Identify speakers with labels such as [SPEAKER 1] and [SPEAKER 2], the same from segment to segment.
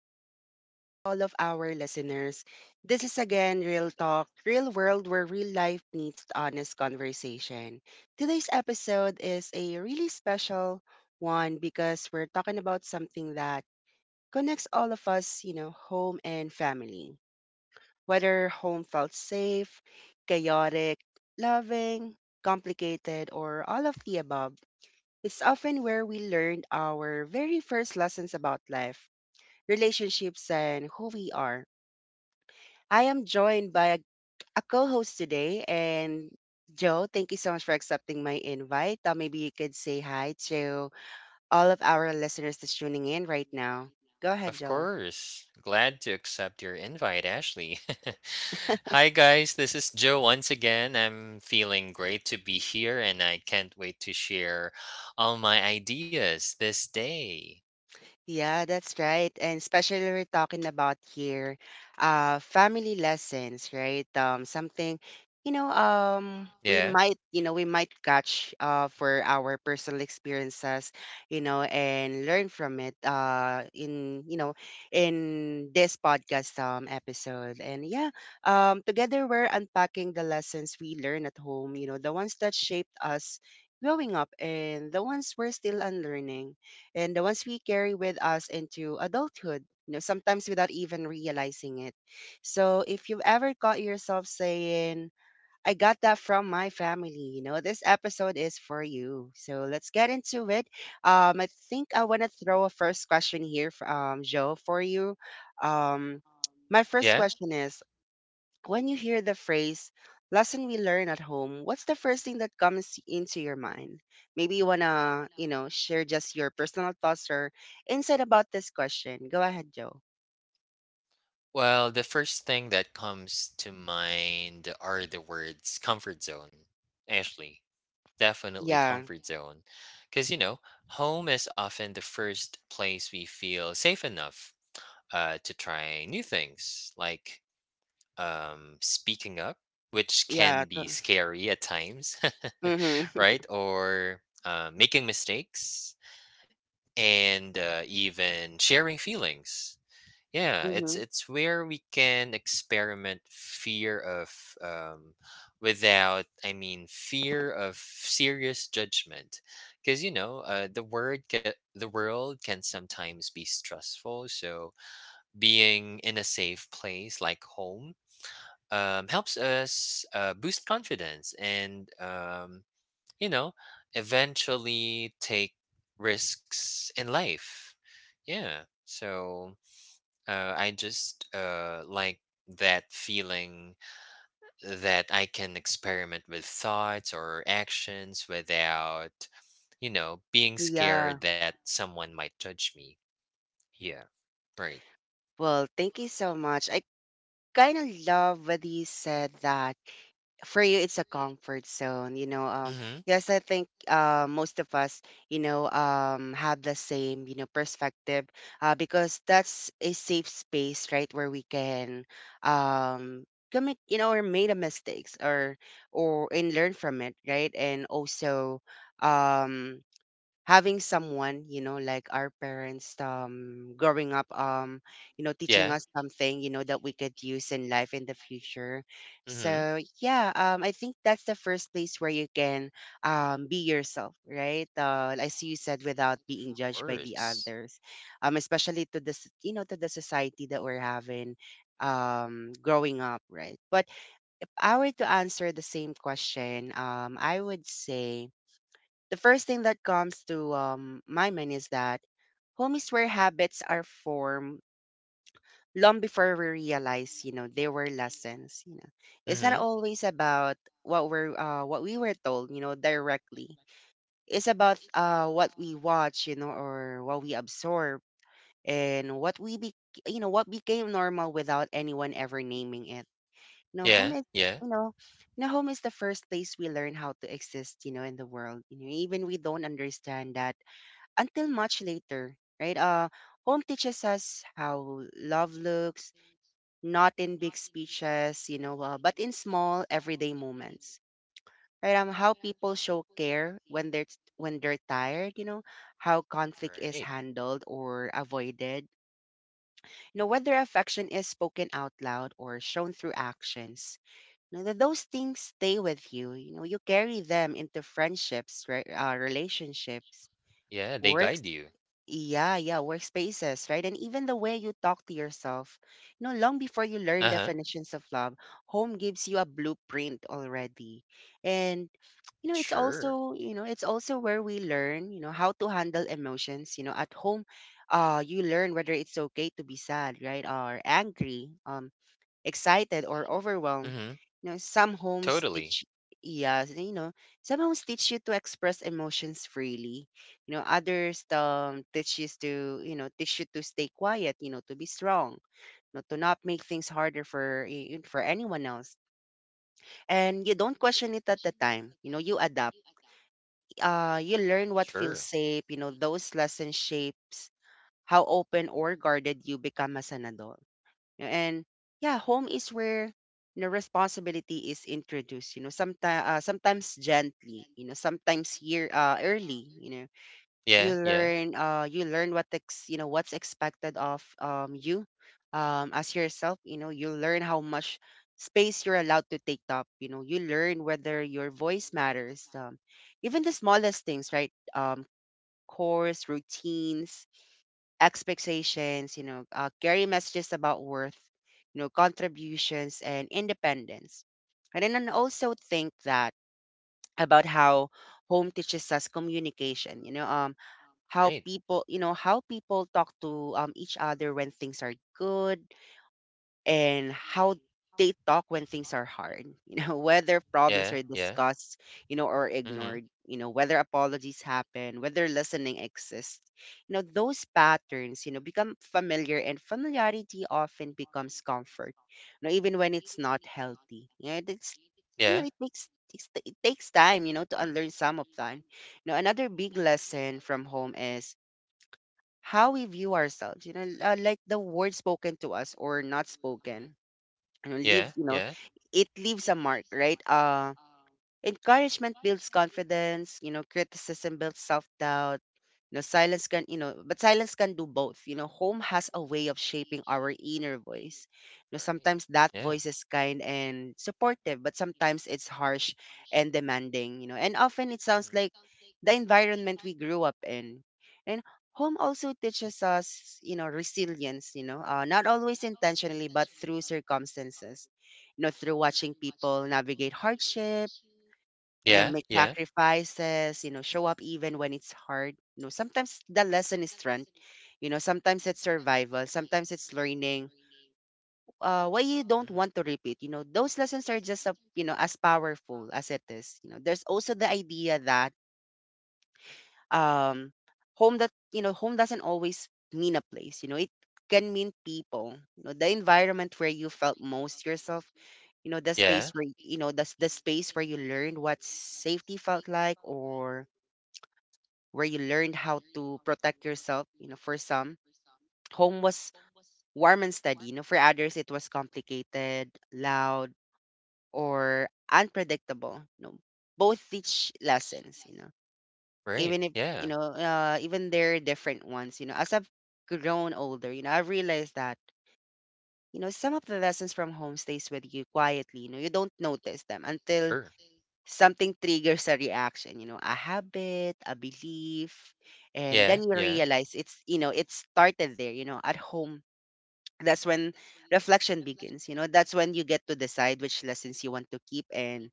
[SPEAKER 1] good evening to all of our listeners. This is again Real Talk, Real World where real life meets honest conversation. Today's episode is a really special one because we're talking about something that connects all of us, you know, home and family. Whether home felt safe, chaotic, loving, complicated, or all of the above, it's often where we learn our very first lessons about life, relationships, and who we are. I am joined by a co host today, and Joe, thank you so much for accepting my invite. Maybe you could say hi to all of our listeners that's tuning in right now. Go ahead,
[SPEAKER 2] Of
[SPEAKER 1] Joe.
[SPEAKER 2] course. Glad to accept your invite, Ashley. Hi, guys. This is Joe once again. I'm feeling great to be here and I can't wait to share all my ideas this day.
[SPEAKER 1] Yeah, that's right. And especially we're talking about here, family lessons, right? Something, you know, we
[SPEAKER 2] Yeah.
[SPEAKER 1] might, you know, we might catch for our personal experiences, you know, and learn from it in, you know, in this podcast episode. And yeah, together we're unpacking the lessons we learn at home, you know, the ones that shaped us growing up and the ones we're still unlearning and the ones we carry with us into adulthood, you know, sometimes without even realizing it. So if you've ever caught yourself saying, I got that from my family, you know, this episode is for you. So let's get into it. I think I want to throw a first question here, Joe, for you. Um, my first
[SPEAKER 2] Yeah.
[SPEAKER 1] question is when you hear the phrase lesson we learn at home, what's the first thing that comes into your mind? Maybe you want to, you know, share just your personal thoughts or insight about this question. Go ahead, Joe.
[SPEAKER 2] Well, the first thing that comes to mind are the words comfort zone. Ashley, definitely
[SPEAKER 1] Yeah.
[SPEAKER 2] comfort zone. Because, you know, home is often the first place we feel safe enough to try new things, like speaking up, which can
[SPEAKER 1] Yeah.
[SPEAKER 2] be scary at times,
[SPEAKER 1] Mhm. Mhm.
[SPEAKER 2] right? Or making mistakes and even sharing feelings. Yeah, it's it's where we can experiment fear of, um, without, I mean, fear of serious judgment, because the the world can sometimes be stressful. So being in a safe place like home helps us boost confidence and, you know eventually take risks in life. Yeah. So I just like that feeling, that I can experiment with thoughts or actions without being
[SPEAKER 1] Yeah.
[SPEAKER 2] scared that someone might judge me. Yeah. Right.
[SPEAKER 1] Well, thank you so much. I kind of love what you said that for you it's a comfort zone,
[SPEAKER 2] Hmm.
[SPEAKER 1] yes, I think most of us, have the same you know perspective, because that's a safe space, right, where we can um commit, you know, or made a mistakes, or and learn from it, right? And also, um having someone, you know, like our parents, growing up, you know, teaching
[SPEAKER 2] Yeah.
[SPEAKER 1] us something, you know, that we could use in life in the future.
[SPEAKER 2] Hmm. Of
[SPEAKER 1] So yeah, I think that's the first place where you can be yourself, right, as you said, without being judged by the
[SPEAKER 2] course.
[SPEAKER 1] others, especially to this, you know, to the society that we're having, growing up, right? But if I were to answer the same question, I would say the first thing that comes to, my mind is that home is where habits are formed long before we realize, you know, they were lessons. You know, it's not
[SPEAKER 2] Hmm.
[SPEAKER 1] always about what we were told, you know, directly. It's about what we watch, you know, or what we absorb, and what we be, you know, what became normal without anyone ever naming it. You know, home
[SPEAKER 2] Yeah.
[SPEAKER 1] is,
[SPEAKER 2] Yeah.
[SPEAKER 1] you know, you know, home is the first place we learn how to exist, you know, in the world. You know, even we don't understand that until much later, right? Home teaches us how love looks, not in big speeches, you know, but in small everyday moments, right? How people show care when they're tired, you know, how conflict
[SPEAKER 2] Right.
[SPEAKER 1] is handled or avoided, you know, whether affection is spoken out loud or shown through actions. You know, that those things stay with you. You know, you carry them into friendships, right? Relationships,
[SPEAKER 2] Yeah, they
[SPEAKER 1] work,
[SPEAKER 2] guide you.
[SPEAKER 1] yeah, yeah, workspaces, right? And even the way you talk to yourself. You know, long before you learn
[SPEAKER 2] Uh-huh.
[SPEAKER 1] definitions of love, home gives you a blueprint already. And
[SPEAKER 2] Sure.
[SPEAKER 1] it's also where we learn, you know, how to handle emotions. You know, at home, you learn whether it's okay to be sad, right? Or angry. Excited or overwhelmed.
[SPEAKER 2] Mhm.
[SPEAKER 1] You know, some homes
[SPEAKER 2] Totally.
[SPEAKER 1] teach yeah, you know, some homes teach you to express emotions freely. You know, others teach you to, teach you to stay quiet, you know, to be strong, you know, to not make things harder for for anyone else. And you don't question it at the time. You know, you adapt. You learn what feels
[SPEAKER 2] Sure.
[SPEAKER 1] safe, you know, those lessons shapes how open or guarded you become as an adult, know, and yeah, home is where, you know, responsibility is introduced. You know, sometimes gently. You know, sometimes year early. You know,
[SPEAKER 2] Yeah, yeah.
[SPEAKER 1] you learn what ex you know what's expected of you as yourself. You know, you learn how much space you're allowed to take up. You know, you learn whether your voice matters. Even the smallest things, right? Course, routines, expectations, you know, carry messages about worth, you know, contributions and independence. And then I also think that about how home teaches us communication, you know, how
[SPEAKER 2] Right.
[SPEAKER 1] people, how people talk to, each other when things are good and how they talk when things are hard. You know, whether problems
[SPEAKER 2] Yeah,
[SPEAKER 1] are
[SPEAKER 2] yeah.
[SPEAKER 1] discussed, you know, or
[SPEAKER 2] Mhm.
[SPEAKER 1] ignored, you know, whether apologies happen, whether listening exists, you know, those patterns, you know, become familiar, and familiarity often becomes comfort, you know, even when it's not healthy. Yeah, know it's, you
[SPEAKER 2] Yeah.
[SPEAKER 1] know, it takes time, you know, to unlearn some of that. You know, another big lesson from home is how we view ourselves, you know, like the words spoken to us or not
[SPEAKER 2] Mhm.
[SPEAKER 1] spoken, you know,
[SPEAKER 2] Yeah, yeah.
[SPEAKER 1] it leaves a mark, right? Encouragement builds confidence, you know, criticism builds self-doubt, you know, silence can do both. You know, home has a way of shaping our inner voice. You know,
[SPEAKER 2] Right.
[SPEAKER 1] sometimes that
[SPEAKER 2] Yeah.
[SPEAKER 1] voice is kind and supportive, but sometimes it's harsh and demanding. You know, and often it sounds
[SPEAKER 2] Mhm.
[SPEAKER 1] like the environment we grew up in. And home also teaches us, you know, resilience, you know, not always intentionally, but through circumstances, you know, through watching people navigate hardship, you know,
[SPEAKER 2] Yeah,
[SPEAKER 1] make
[SPEAKER 2] yeah.
[SPEAKER 1] sacrifices, you know, show up even when it's hard. You know, sometimes the lesson is strength. You know, sometimes it's survival. Sometimes it's learning why you don't want to repeat. You know, those lessons are just, a, you know, as powerful as it is. You know, there's also the idea that um, home that, you know, home doesn't always mean a place. You know, it can mean people. You know, the environment where you felt most yourself. You know,
[SPEAKER 2] Yeah.
[SPEAKER 1] the space where you learned what safety felt like, or where you learned how to protect yourself. You know, for some, home was warm and steady. You know, for others, it was complicated, loud, or unpredictable. You know, both teach lessons. You know,
[SPEAKER 2] Right.
[SPEAKER 1] even if,
[SPEAKER 2] Yeah.
[SPEAKER 1] you know, even they're different ones. You know, as I've grown older, you know, I realized that, you know, some of the lessons from home stays with you quietly. You know, you don't notice them until
[SPEAKER 2] Sure.
[SPEAKER 1] something triggers a reaction, you know, a habit, a belief, and
[SPEAKER 2] Yeah,
[SPEAKER 1] then you
[SPEAKER 2] yeah.
[SPEAKER 1] realize it's, you know, it started there, you know, at home. That's when reflection begins. You know, that's when you get to decide which lessons you want to keep and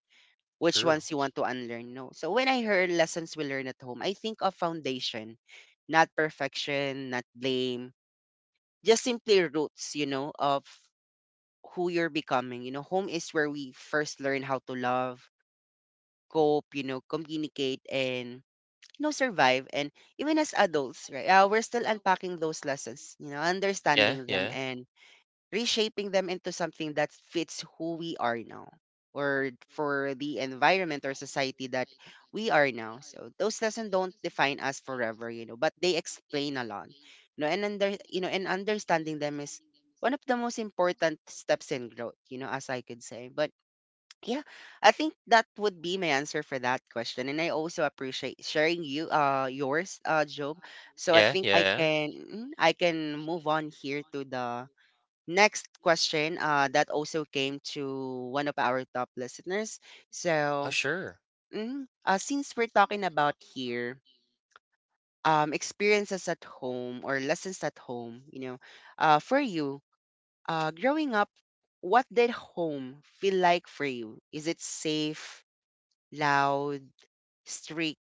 [SPEAKER 1] which
[SPEAKER 2] True.
[SPEAKER 1] ones you want to unlearn. No, so when I heard lessons we learn at home, I think of foundation, not perfection, not blame, just simply roots, you know, of who you're becoming. You know, home is where we first learn how to love, cope, you know, communicate, and, you know, survive. And even as adults, right, we're still unpacking those lessons, you know,
[SPEAKER 2] Yeah,
[SPEAKER 1] understanding them
[SPEAKER 2] yeah.
[SPEAKER 1] and reshaping them into something that fits who we are now, or for the environment or society that we are now. So those lessons don't define us forever, you know, but they explain a lot. You know, and under you know, and understanding them is one of the most important steps in growth, you know, as I could say. But yeah, I think that would be my answer for that question. And I also appreciate sharing you yours, Job. So I
[SPEAKER 2] Yeah,
[SPEAKER 1] think I
[SPEAKER 2] yeah.
[SPEAKER 1] can, I can move on here to the next question that also came to one of our top listeners.
[SPEAKER 2] Oh,
[SPEAKER 1] So,
[SPEAKER 2] sure.
[SPEAKER 1] since we're talking about here experiences at home or lessons at home, you know, for you, growing up, what did home feel like for you? Is it safe, loud, strict,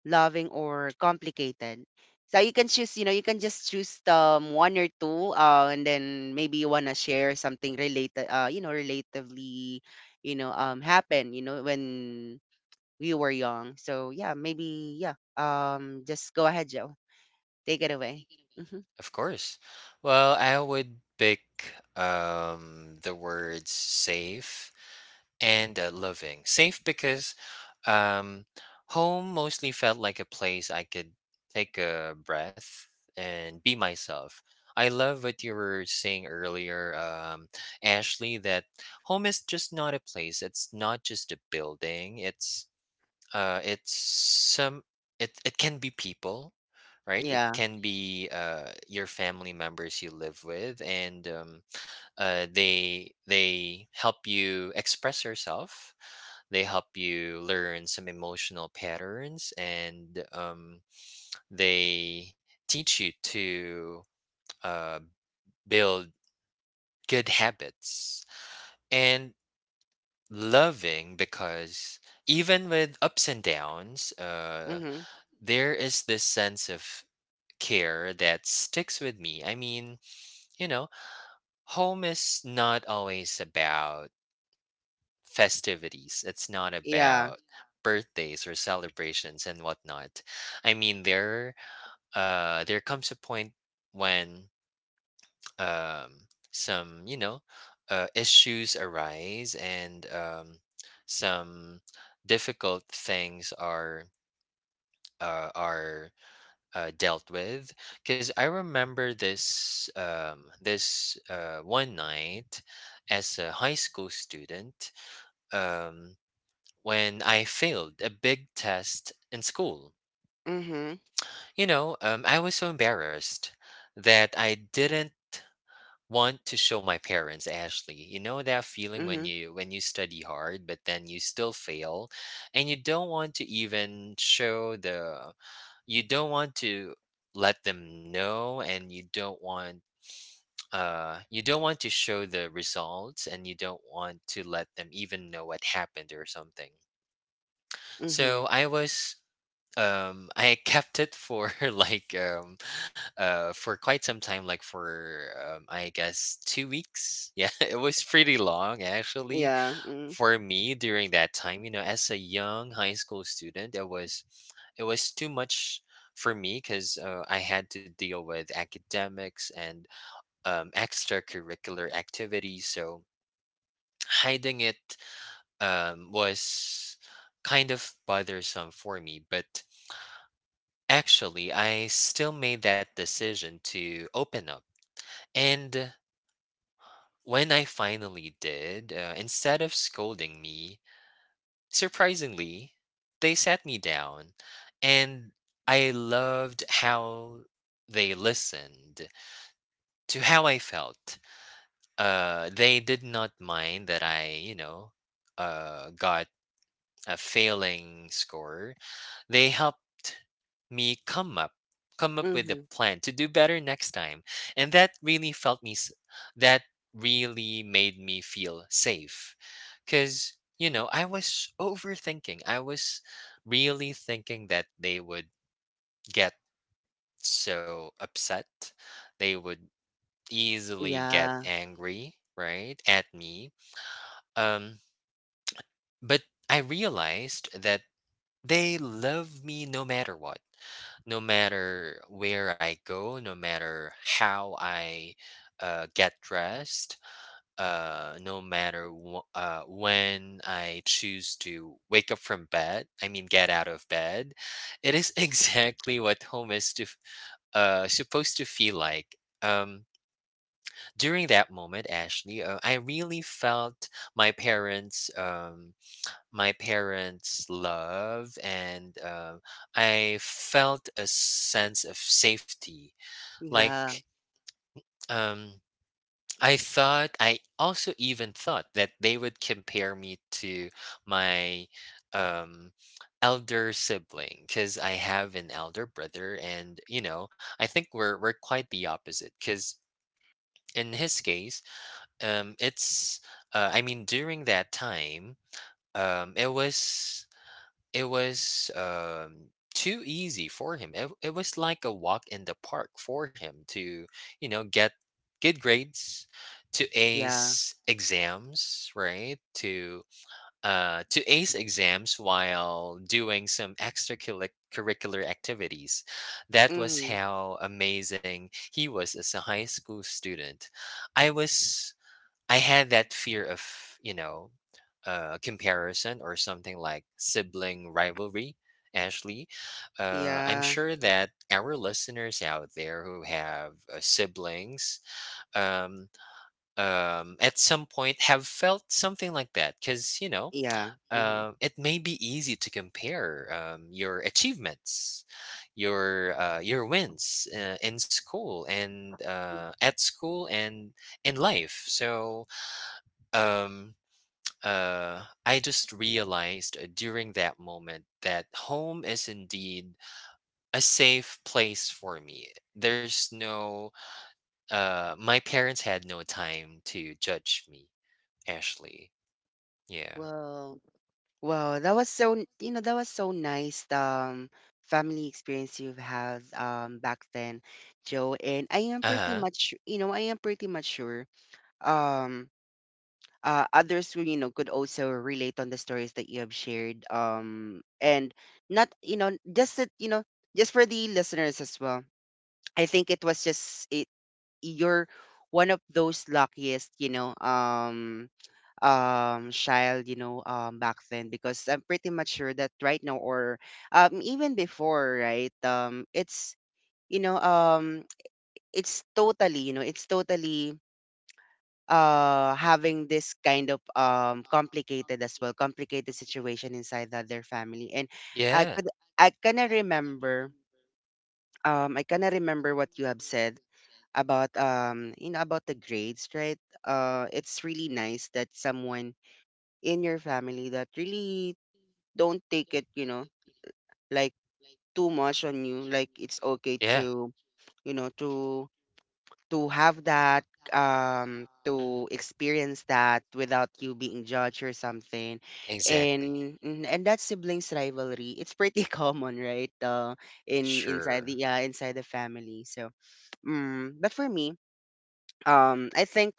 [SPEAKER 1] loving, or complicated? So you can choose, you can just choose one or two, and then maybe you wanna share something related, relatively, happen, when we were young. So yeah, maybe yeah. Just go ahead, Joe. Take it away. Mm-hmm.
[SPEAKER 2] Of course. Well, I would pick the words safe and loving. Safe because um, home mostly felt like a place I could take a breath and be myself. I love what you were saying earlier, Ashley, that home is just not a place. It's not just a building. It's some. It can be people, right? It
[SPEAKER 1] Yeah.
[SPEAKER 2] can be your family members you live with, and, they help you express yourself. They help you learn some emotional patterns, and they teach you to uh, build good habits. And loving, because even with ups and downs,
[SPEAKER 1] Mm-hmm.
[SPEAKER 2] there is this sense of care that sticks with me. I mean, you know home is not always about festivities. It's not
[SPEAKER 1] Yeah.
[SPEAKER 2] about birthdays or celebrations and whatnot. I mean, there comes a point when, some issues arise, and some difficult things are uh, are dealt with. Because I remember this, one night as a high school student. Um, when I failed a big test in school.
[SPEAKER 1] Mm-hmm.
[SPEAKER 2] I was so embarrassed that I didn't want to show my parents, Ashley. You know that feeling when
[SPEAKER 1] Mm-hmm.
[SPEAKER 2] you study hard but then you still fail, and you don't want to even show the, you don't want to let them know, and you don't want to show the results, and you don't want to let them even know what happened or something.
[SPEAKER 1] Mm-hmm.
[SPEAKER 2] So I kept it for like, for quite some time, like for, I guess, 2 weeks. Yeah, it was pretty long actually,
[SPEAKER 1] Yeah. Mm-hmm.
[SPEAKER 2] for me, during that time. As a young high school student, it was too much for me, because I had to deal with academics and extracurricular activities. So hiding it was kind of bothersome for me. But actually, I still made that decision to open up. And when I finally did, instead of scolding me, surprisingly, they sat me down. And I loved how they listened to how I felt. They did not mind that I, got a failing score. They helped me come up with a
[SPEAKER 1] Mm-hmm.
[SPEAKER 2] plan to do better next time, and that really made me feel safe. Cuz I was overthinking. I was really thinking that they would get so upset. They would easily get
[SPEAKER 1] Yeah.
[SPEAKER 2] angry, right, at me. Um but I realized that they love me no matter what. No matter where I go, no matter how I, get dressed, no matter, when I choose to wake up from bed, I mean, get out of bed. It is exactly what home is, supposed to feel like. Um, During that moment, Ashley, I really felt my parents. Um, my parents' love. And, I felt a sense of safety.
[SPEAKER 1] Yeah.
[SPEAKER 2] Like, um, I also even thought that they would compare me to my, um, elder sibling, because I have an elder brother. And you know, I think we're quite the opposite. Because, in his case, it's I mean, during that time, um, it was It was too easy for him. It was like a walk in the park for him to, get good grades, to
[SPEAKER 1] Yeah.
[SPEAKER 2] ace exams, right? To ace exams while doing some extracurricular activities. That was
[SPEAKER 1] Mm-hmm.
[SPEAKER 2] how amazing he was as a high school student. I was I had that fear of, comparison, or something like sibling rivalry, Ashley. I'm
[SPEAKER 1] Yeah.
[SPEAKER 2] sure that our listeners out there who have siblings, um, at some point, have felt something like that. Because,
[SPEAKER 1] Yeah. Hmm.
[SPEAKER 2] it may be easy to compare, your achievements, your wins, in school, and at school, and in life. So, um I just realized, during that moment, that home is indeed a safe place for me. There's no, my parents had no time to judge me, Ashley. Yeah.
[SPEAKER 1] Well, wow, that was so, that was so nice, family experience you've had, back then, Joe. And I am
[SPEAKER 2] Uh
[SPEAKER 1] pretty
[SPEAKER 2] huh.
[SPEAKER 1] much, sure, um, others who, could also relate on the stories that you have shared. And not, just that, just for the listeners as well. I think it was just it, you're one of those luckiest, child, back then, because I'm pretty much sure that right now or even before, right, it's you know um it's totally, it's totally having this kind of complicated, as well, complicated situation inside their family. And I
[SPEAKER 2] Yeah.
[SPEAKER 1] could, I kinda remember, I kinda remember what you have said about about the grades, right? It's really nice that someone in your family that really don't take it, like too much on you. Like it's okay
[SPEAKER 2] Yeah.
[SPEAKER 1] to, you know, to have that,
[SPEAKER 2] Mhm.
[SPEAKER 1] to experience that without you being judged or something.
[SPEAKER 2] Exactly.
[SPEAKER 1] And that siblings rivalry, it's pretty common, right? In Inside the,
[SPEAKER 2] Sure.
[SPEAKER 1] yeah, inside the family, so... Mm, but for me, I think,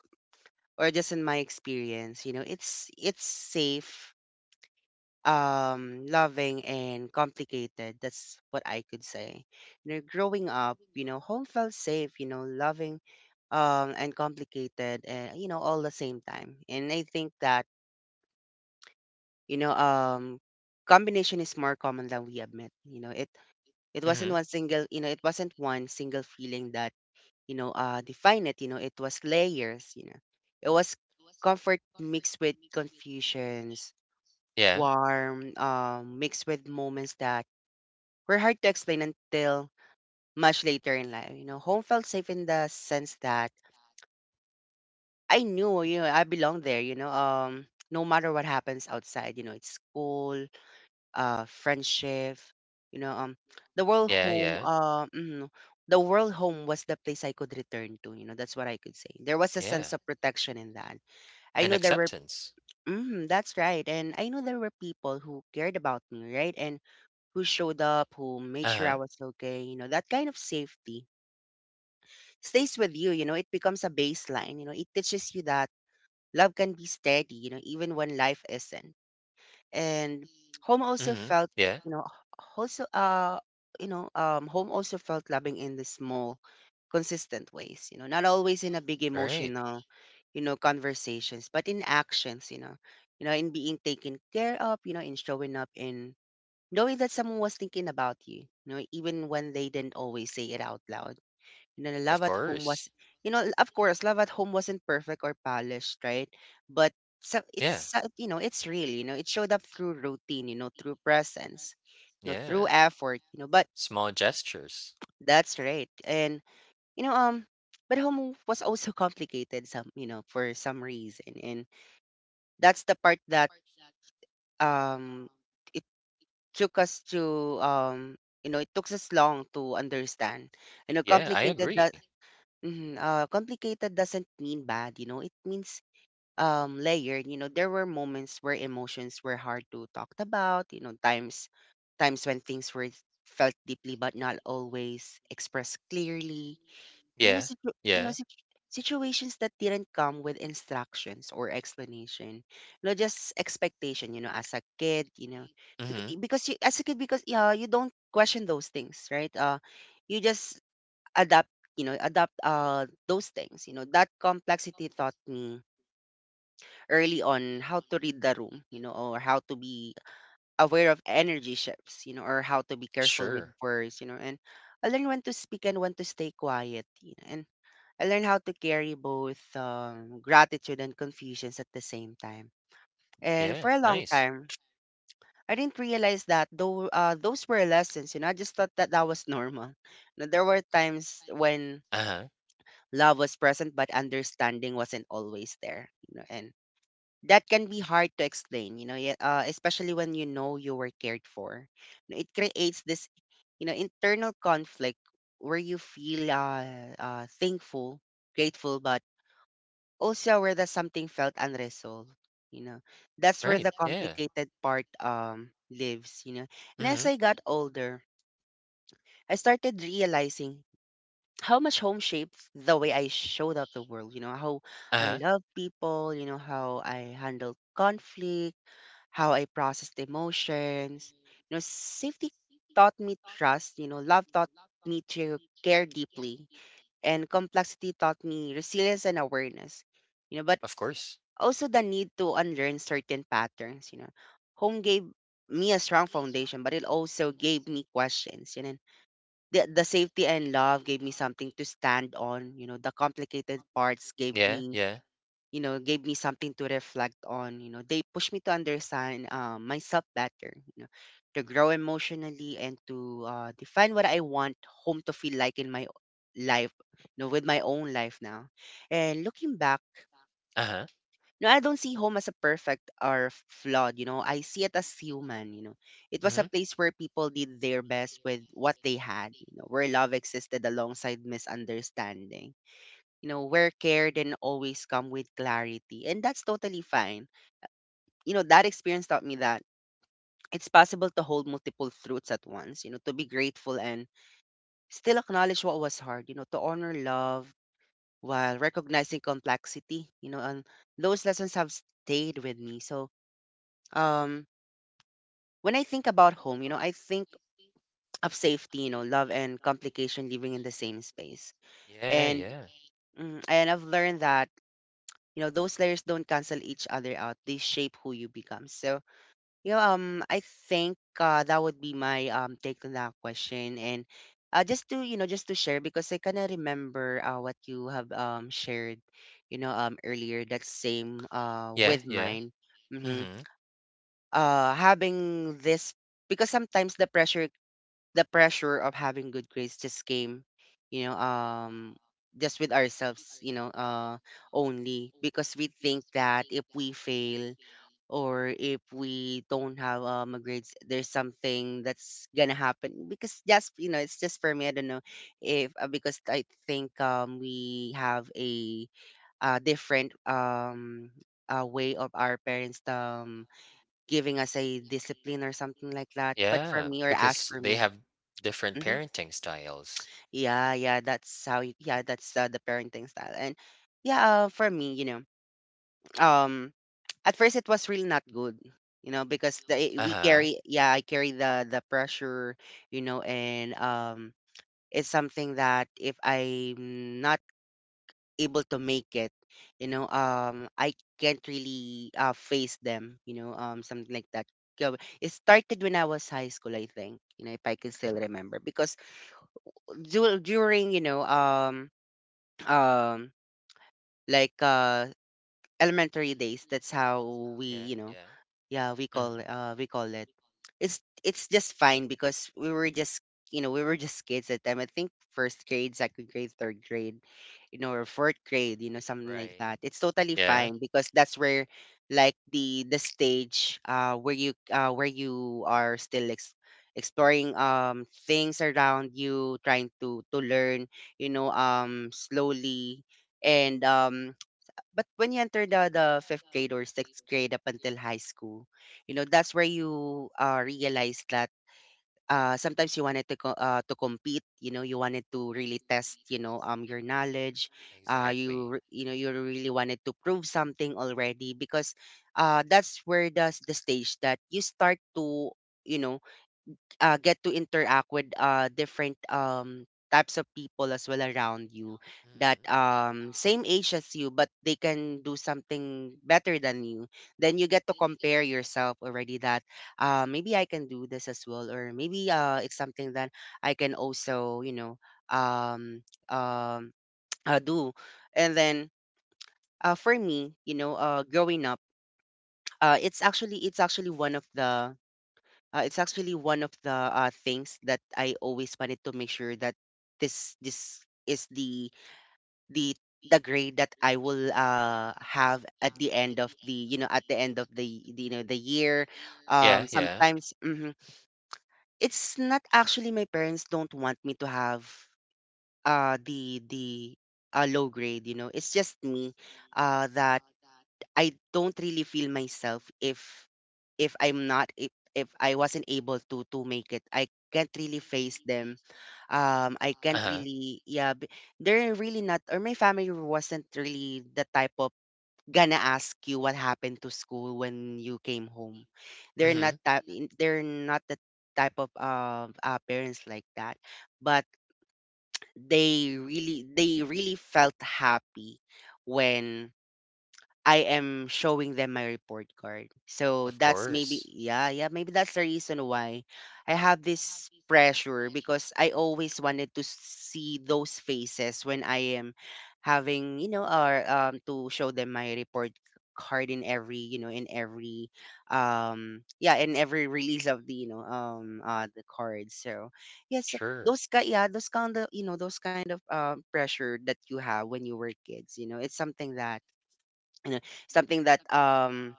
[SPEAKER 1] or just in my experience, it's safe, loving, and complicated. That's what I could say. Growing up, home felt safe, loving, and complicated, and all the same time. And I think that you know um combination is more common than we admit. It it wasn't
[SPEAKER 2] Mm-hmm.
[SPEAKER 1] one single you know It wasn't one single feeling that define it. It was layers, it was comfort mixed with confusions,
[SPEAKER 2] Yeah.
[SPEAKER 1] warm, mixed with moments that were hard to explain until much later in life. You know, home felt safe in the sense that I knew, you know, I belong there, no matter what happens outside, you know, it's school, friendship, you know, um, the world
[SPEAKER 2] Yeah.
[SPEAKER 1] home,
[SPEAKER 2] Yeah.
[SPEAKER 1] the world home was the place I could return to, you know, that's what I could say. There was a
[SPEAKER 2] Yeah.
[SPEAKER 1] sense of protection in that. I
[SPEAKER 2] And
[SPEAKER 1] know there were,
[SPEAKER 2] acceptance.
[SPEAKER 1] mm, that's right. And I know there were people who cared about me, right? And who showed up, who made
[SPEAKER 2] Uh
[SPEAKER 1] sure I
[SPEAKER 2] huh.
[SPEAKER 1] was okay, you know, that kind of safety stays with you, you know, it becomes a baseline, you know, it teaches you that love can be steady, you know, even when life isn't. And home also
[SPEAKER 2] Mm-hmm.
[SPEAKER 1] felt,
[SPEAKER 2] Yeah.
[SPEAKER 1] you know, also uh home also felt loving in the small, consistent ways, you know, not always in a big
[SPEAKER 2] Right.
[SPEAKER 1] emotional, conversations, but in actions, you know, in being taken care of, you know, in showing up, in knowing that someone was thinking about you, you know, even when they didn't always say it out loud. You know, Love
[SPEAKER 2] Of
[SPEAKER 1] at Home
[SPEAKER 2] course.
[SPEAKER 1] was, of course, Love at Home wasn't perfect or polished, right? But
[SPEAKER 2] Yeah.
[SPEAKER 1] you know, it's real, you know, it showed up through routine, you know, through presence, you know, through
[SPEAKER 2] Yeah.
[SPEAKER 1] effort, you know, but
[SPEAKER 2] Small gestures.
[SPEAKER 1] that's right. And, you know, but home was also complicated some, you know, for some reason. And that's the part that, um, it took us to, um, you know, it took us long to understand. You know,
[SPEAKER 2] Yeah. I
[SPEAKER 1] complicated
[SPEAKER 2] agree.
[SPEAKER 1] that... Mhm, complicated doesn't mean bad, you know. It means layered. You know, there were moments where emotions were hard to talk about. You know, times when things were felt deeply but not always expressed clearly. You know,
[SPEAKER 2] Yeah, yeah.
[SPEAKER 1] situations that didn't come with instructions or explanation. You know, just expectation. You know, as a kid, you know,
[SPEAKER 2] Mhm.
[SPEAKER 1] because you, as a kid, because yeah, you don't question those things, right? You just adapt, you know, adapt those things. You know, that complexity taught me early on how to read the room, you know, or how to be aware of energy shifts, you know, or how to be careful with
[SPEAKER 2] Sure.
[SPEAKER 1] words, you know. And I learned when to speak and when to stay quiet, you know. And I learned how to carry both gratitude and confusions at the same time. And for
[SPEAKER 2] Yeah.
[SPEAKER 1] a long
[SPEAKER 2] Nice.
[SPEAKER 1] time I didn't realize that, though, those were lessons, you know, I just thought that that was normal. You know, there were times when
[SPEAKER 2] Uh-huh.
[SPEAKER 1] Love was present, but understanding wasn't always there. You know, and that can be hard to explain. You know, yeah, especially when you know you were cared for. You know, it creates this, internal conflict where you feel thankful, grateful, but also where that something felt unresolved. You know, that's where
[SPEAKER 2] Right.
[SPEAKER 1] the
[SPEAKER 2] Yeah.
[SPEAKER 1] complicated part lives. You know, and as
[SPEAKER 2] Mhm.
[SPEAKER 1] I got older, I started realizing how much home shapes the way I showed up the world, you know, how I
[SPEAKER 2] Uh-huh.
[SPEAKER 1] love people, you know, how I handle conflict, how I processed emotions. You know, safety taught me trust, you know, love taught me to care deeply, and complexity taught me resilience and awareness, you know, but
[SPEAKER 2] Of course.
[SPEAKER 1] also the need to unlearn certain patterns, you know. Home gave me a strong foundation, but it also gave me questions, you know, the safety and love gave me something to stand on, you know. The complicated parts gave
[SPEAKER 2] Yeah,
[SPEAKER 1] me,
[SPEAKER 2] yeah.
[SPEAKER 1] gave me something to reflect on, you know. They pushed me to understand, myself better, you know, to grow emotionally and to, define what I want home to feel like in my life, you know, with my own life now. And looking back,
[SPEAKER 2] Uh-huh.
[SPEAKER 1] no, I don't see home as a perfect or flawed, you know. I see it as human, you know. It was a
[SPEAKER 2] Mhm.
[SPEAKER 1] place where people did their best with what they had, you know, where love existed alongside misunderstanding, you know, where care didn't always come with clarity. And that's totally fine. You know, that experience taught me that it's possible to hold multiple truths at once, you know, to be grateful and still acknowledge what was hard, you know, to honor love while recognizing complexity, you know. And those lessons have stayed with me. So, um when I think about home, you know, I think of safety, you know, love, and complication living in the same space.
[SPEAKER 2] Yeah,
[SPEAKER 1] And
[SPEAKER 2] yeah.
[SPEAKER 1] mm, and I've learned that, you know, those layers don't cancel each other out; they shape who you become. So, you know, I think that would be my take on that question. And just to, you know, just to share because I kind of remember, what you have shared, you know, earlier. That same
[SPEAKER 2] Yeah,
[SPEAKER 1] with
[SPEAKER 2] yeah.
[SPEAKER 1] mine. Mm-hmm.
[SPEAKER 2] Mhm.
[SPEAKER 1] Having this, because sometimes the pressure, the pressure of having good grades just came, you know, just with ourselves, you know, only because we think that if we fail or if we don't have a grades, there's something that's gonna happen. Because just you know, it's just for me. I don't know if because I think we have a different way of our parents giving us a discipline or something like that. But for
[SPEAKER 2] Yeah,
[SPEAKER 1] me, or as
[SPEAKER 2] because
[SPEAKER 1] for
[SPEAKER 2] they
[SPEAKER 1] me.
[SPEAKER 2] have different
[SPEAKER 1] Mm-hmm.
[SPEAKER 2] parenting styles.
[SPEAKER 1] Yeah, yeah, that's how you, yeah, that's the parenting style. And yeah, for me, you know, um at first it was really not good, you know, because the we
[SPEAKER 2] Uh-huh.
[SPEAKER 1] carry, yeah, I carry the pressure, you know. And it's something that if I'm not able to make it, you know, I can't really face them, you know, something like that. Go- It started when I was high school, I think, you know, if I can still remember, because during, um like uh elementary days. That's how we,
[SPEAKER 2] Yeah,
[SPEAKER 1] you know,
[SPEAKER 2] yeah.
[SPEAKER 1] yeah,
[SPEAKER 2] Mhm.
[SPEAKER 1] we call it. It's just fine because we were just, you know, we were just kids at the time. I think first grade, second grade, third grade, you know, or fourth grade, you know, something like
[SPEAKER 2] Right.
[SPEAKER 1] that. It's totally
[SPEAKER 2] Yeah.
[SPEAKER 1] fine because that's where, like, the stage where you are still exploring things around you, trying to learn, slowly. And but when you enter the fifth grade or sixth grade up until high school, you know that's where you realize that, sometimes you wanted to to compete. You know, you wanted to really test, you know, your knowledge.
[SPEAKER 2] Exactly.
[SPEAKER 1] You re- you know you really wanted to prove something already because that's where the stage that you start to, you know, get to interact with different types of people as well around you that
[SPEAKER 2] Mhm.
[SPEAKER 1] same age as you, but they can do something better than you. Then you get to compare yourself already that maybe I can do this as well, or maybe it's something that I can also, you know, um, um, do. And then for me, you know, growing up, uh, it's actually it's actually one of the it's actually one of the things that I always wanted to make sure that this is the the grade that I will have at the end of the, you know, at the end of the you know the year.
[SPEAKER 2] Yeah, yeah.
[SPEAKER 1] Sometimes mhm. It's not actually my parents don't want me to have the a low grade. You know, it's just me that I don't really feel myself if I wasn't able to make it. I can't really face them. I can't
[SPEAKER 2] Uh-huh.
[SPEAKER 1] really, yeah. They're really not, or my family wasn't really the type of gonna ask you what happened to school when you came home. They're not
[SPEAKER 2] Mhm.
[SPEAKER 1] that. They're not the type of parents like that. But they really felt happy when I am showing them my report card. So
[SPEAKER 2] Of
[SPEAKER 1] that's
[SPEAKER 2] course.
[SPEAKER 1] maybe, yeah, yeah, maybe that's the reason why I have this pressure because I always wanted to see those faces when I am having, you know, or to show them my report card in every, you know, in every yeah, in every release of the, you know, the cards. So yes,
[SPEAKER 2] Sure.
[SPEAKER 1] yeah, those kind of pressure that you have when you were kids, you know, it's something that, you know, something that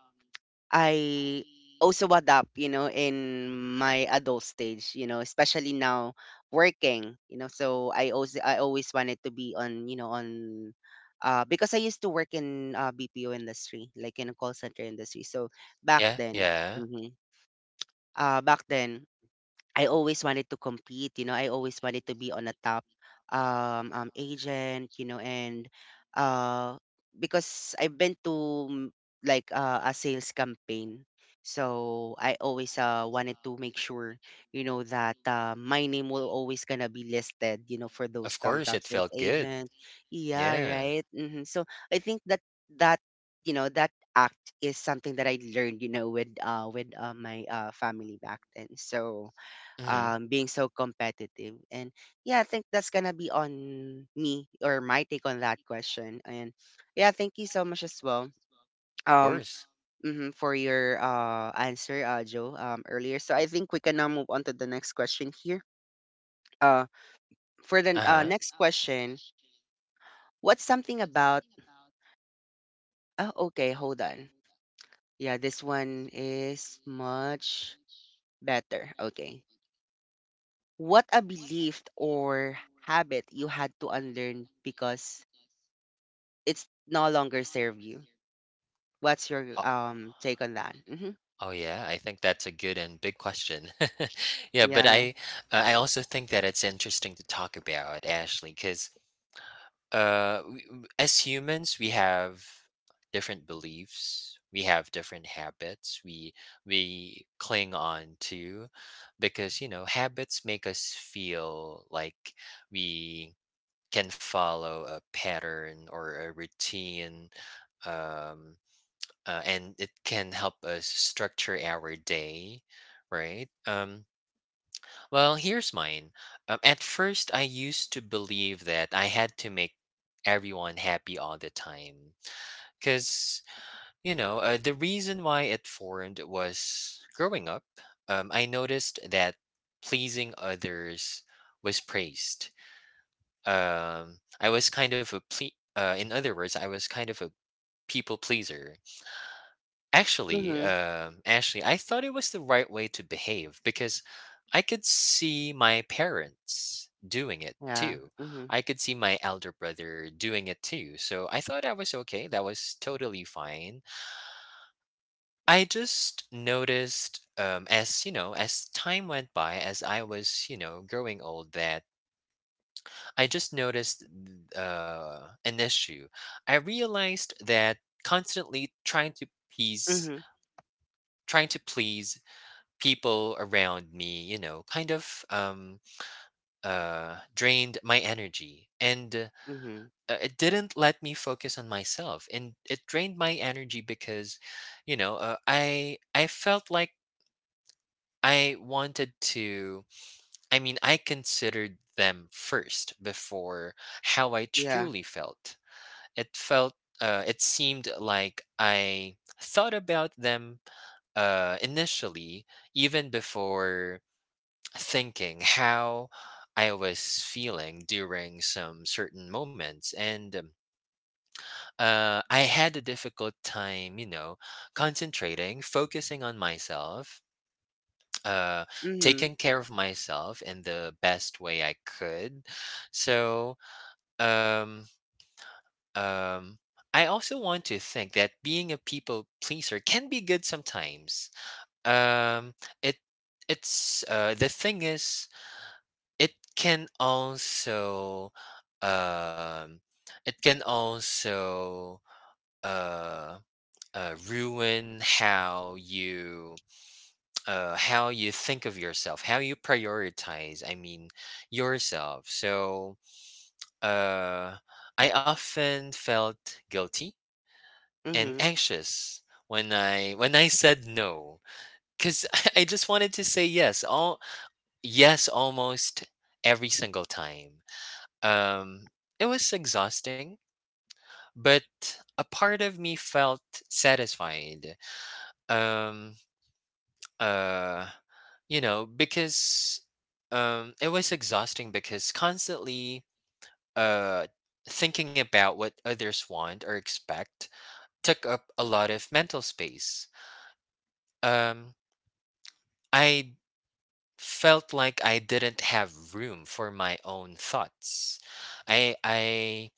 [SPEAKER 1] I also adapt, you know, in my adult stage, you know, especially now working, you know. So I always wanted to be on, you know, on because I used to work in BPO industry, like in a call center industry. So back
[SPEAKER 2] Yeah,
[SPEAKER 1] then,
[SPEAKER 2] yeah.
[SPEAKER 1] mhm, back then I always wanted to compete, you know, I always wanted to be on a top agent, you know, and uh because I've been to mm, like a sales campaign. So I always wanted to make sure, you know, that my name will always gonna be listed, you know, for those
[SPEAKER 2] Of
[SPEAKER 1] top
[SPEAKER 2] course,
[SPEAKER 1] top
[SPEAKER 2] it
[SPEAKER 1] sales
[SPEAKER 2] felt good.
[SPEAKER 1] agent. Yeah,
[SPEAKER 2] Yeah.
[SPEAKER 1] right. Hmm. So I think that, you know, that act is something that I learned, you know, with my family back then. So
[SPEAKER 2] Mhm.
[SPEAKER 1] being so competitive. And yeah, I think that's gonna be on me or my take on that question. And yeah, thank you so much as well.
[SPEAKER 2] Of
[SPEAKER 1] Um,
[SPEAKER 2] course.
[SPEAKER 1] mhm, for your answer, Joe, earlier. So I think we can now move on to the next question here. Uh, for the
[SPEAKER 2] Uh-huh.
[SPEAKER 1] next question, what's something about? Oh, okay, hold on. Yeah, this one is much better. Okay. What a belief or habit you had to unlearn because it's no longer serve you. What's your take on that? Hmm.
[SPEAKER 2] Oh yeah, I think that's a good and big question. Yeah, but
[SPEAKER 1] Yeah.
[SPEAKER 2] I also think that it's interesting to talk about, Ashley, 'cause as humans, we have different beliefs, we have different habits we cling on to, because, habits make us feel like we can follow a pattern or a routine. Um and it can help us structure our day, right? Well, here's mine. At first, I used to believe that I had to make everyone happy all the time, because, the reason why it formed was growing up. I noticed that pleasing others was praised. I was kind of a, in other words, I was kind of a people pleaser. Actually,
[SPEAKER 1] Hmm.
[SPEAKER 2] um, actually, I thought it was the right way to behave, because I could see my parents doing it
[SPEAKER 1] Yeah.
[SPEAKER 2] too.
[SPEAKER 1] Hmm.
[SPEAKER 2] I could see my elder brother doing it too. So I thought I was okay. That was totally fine. I just noticed, as you know, as time went by, as I was, growing old, that I just noticed, an issue. I realized that constantly trying to please,
[SPEAKER 1] Hmm.
[SPEAKER 2] trying to please people around me, kind of, drained my energy. And
[SPEAKER 1] Hmm.
[SPEAKER 2] uh, it didn't let me focus on myself. And it drained my energy because, I felt like I wanted to, I mean, I considered them first before how I
[SPEAKER 1] Yeah.
[SPEAKER 2] truly felt. It felt, it seemed like I thought about them, initially, even before thinking how I was feeling during some certain moments. And I had a difficult time, concentrating, focusing on myself, uh,
[SPEAKER 1] Hmm.
[SPEAKER 2] taking care of myself in the best way I could. So, um, um, I also want to think that being a people pleaser can be good sometimes. Um, it it's the thing is, it can also, um it can also uh, ruin how you, think of yourself, how you prioritize, I mean, yourself. So uh I often felt guilty and
[SPEAKER 1] Hmm.
[SPEAKER 2] anxious when I said no, cuz I just wanted to say yes almost every single time. Um, it was exhausting, but a part of me felt satisfied. Um, uh, because, it was exhausting because constantly, uh, thinking about what others want or expect took up a lot of mental space. Um, I felt like I didn't have room for my own thoughts. I I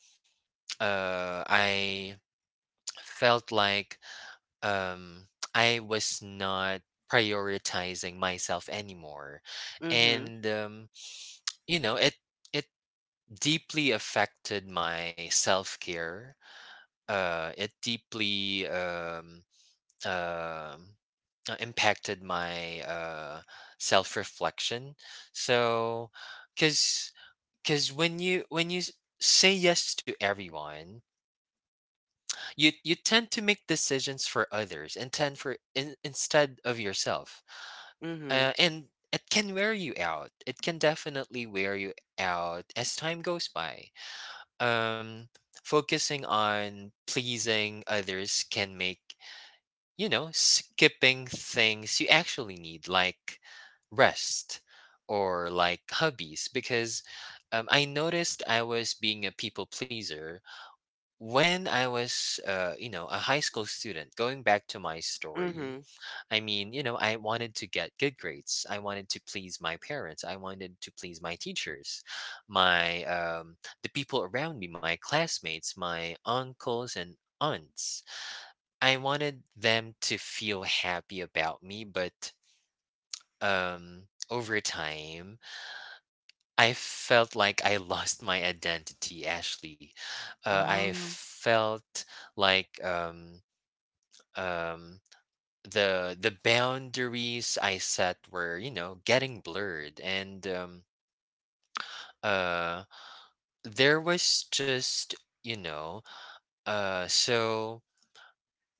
[SPEAKER 2] I felt like, um, I was not prioritizing myself anymore,
[SPEAKER 1] Hmm.
[SPEAKER 2] and you know it it deeply affected my self care. It deeply, um, impacted my, self reflection. So, because because when you say yes to everyone you tend to make decisions for others and tend instead of yourself.
[SPEAKER 1] Hmm.
[SPEAKER 2] And it can wear you out. It can definitely wear you out as time goes by. Um, focusing on pleasing others can make, you know, skipping things you actually need, like rest or like hobbies. Because I noticed I was being a people pleaser when I was, you know, a high school student. Going back to my story,
[SPEAKER 1] Hmm.
[SPEAKER 2] I mean, you know, I wanted to get good grades. I wanted to please my parents. I wanted to please my teachers, my the people around me, my classmates, my uncles and aunts. I wanted them to feel happy about me, but um, over time, I felt like I lost my identity. Actually, I
[SPEAKER 1] Oh.
[SPEAKER 2] felt like um, the boundaries I set were, you know, getting blurred. And uh there was just, you know, so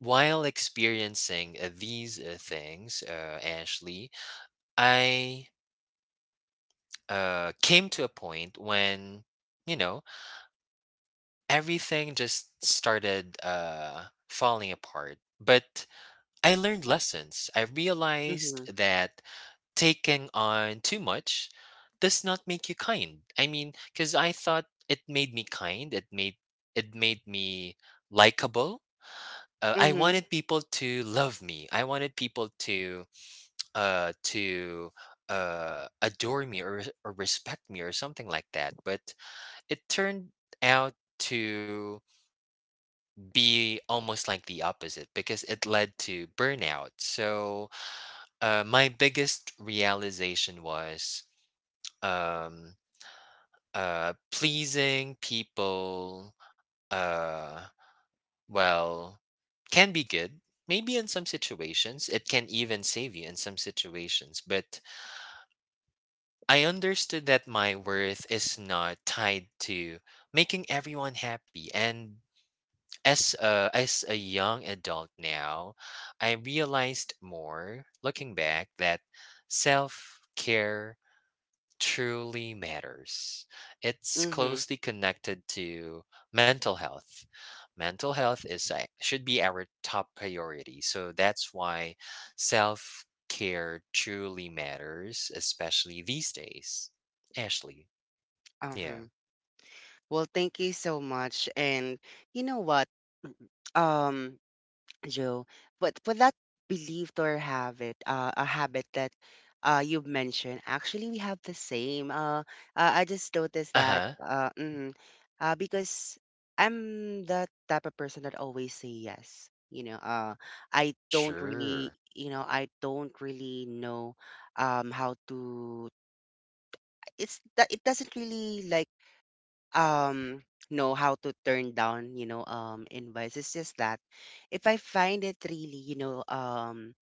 [SPEAKER 2] while experiencing these things, uh, Ashley, I came to a point when, you know, everything just started falling apart. But I learned lessons. I realized
[SPEAKER 1] Hmm.
[SPEAKER 2] that taking on too much does not make you kind. I mean, because I thought it made me kind. It made me likable. I
[SPEAKER 1] Hmm.
[SPEAKER 2] wanted people to love me. I wanted people to uh, to adore me or respect me or something like that. But it turned out to be almost like the opposite because it led to burnout. So my biggest realization was. Um, Pleasing people, uh, well, can be good. Maybe in some situations, it can even save you in some situations. But I understood that my worth is not tied to making everyone happy. And as a young adult now, I realized more looking back that self care truly matters. It's
[SPEAKER 1] Hmm.
[SPEAKER 2] closely connected to mental health. Should be our top priority. So that's why self care truly matters, especially these days, Ashley. Yeah.
[SPEAKER 1] Uh-huh. Well, thank you so much. And you know what? Um, Joe. But for that belief or habit, a habit that, you mentioned, actually we have the same. I just noticed
[SPEAKER 2] Uh
[SPEAKER 1] that,
[SPEAKER 2] huh.
[SPEAKER 1] mhm, because I'm the type of person that always say yes. You know,
[SPEAKER 2] Sure.
[SPEAKER 1] I don't really know, how to. It's that it doesn't really, like, um know how to turn down, you know, invites. It's just that if I find it really, you know, um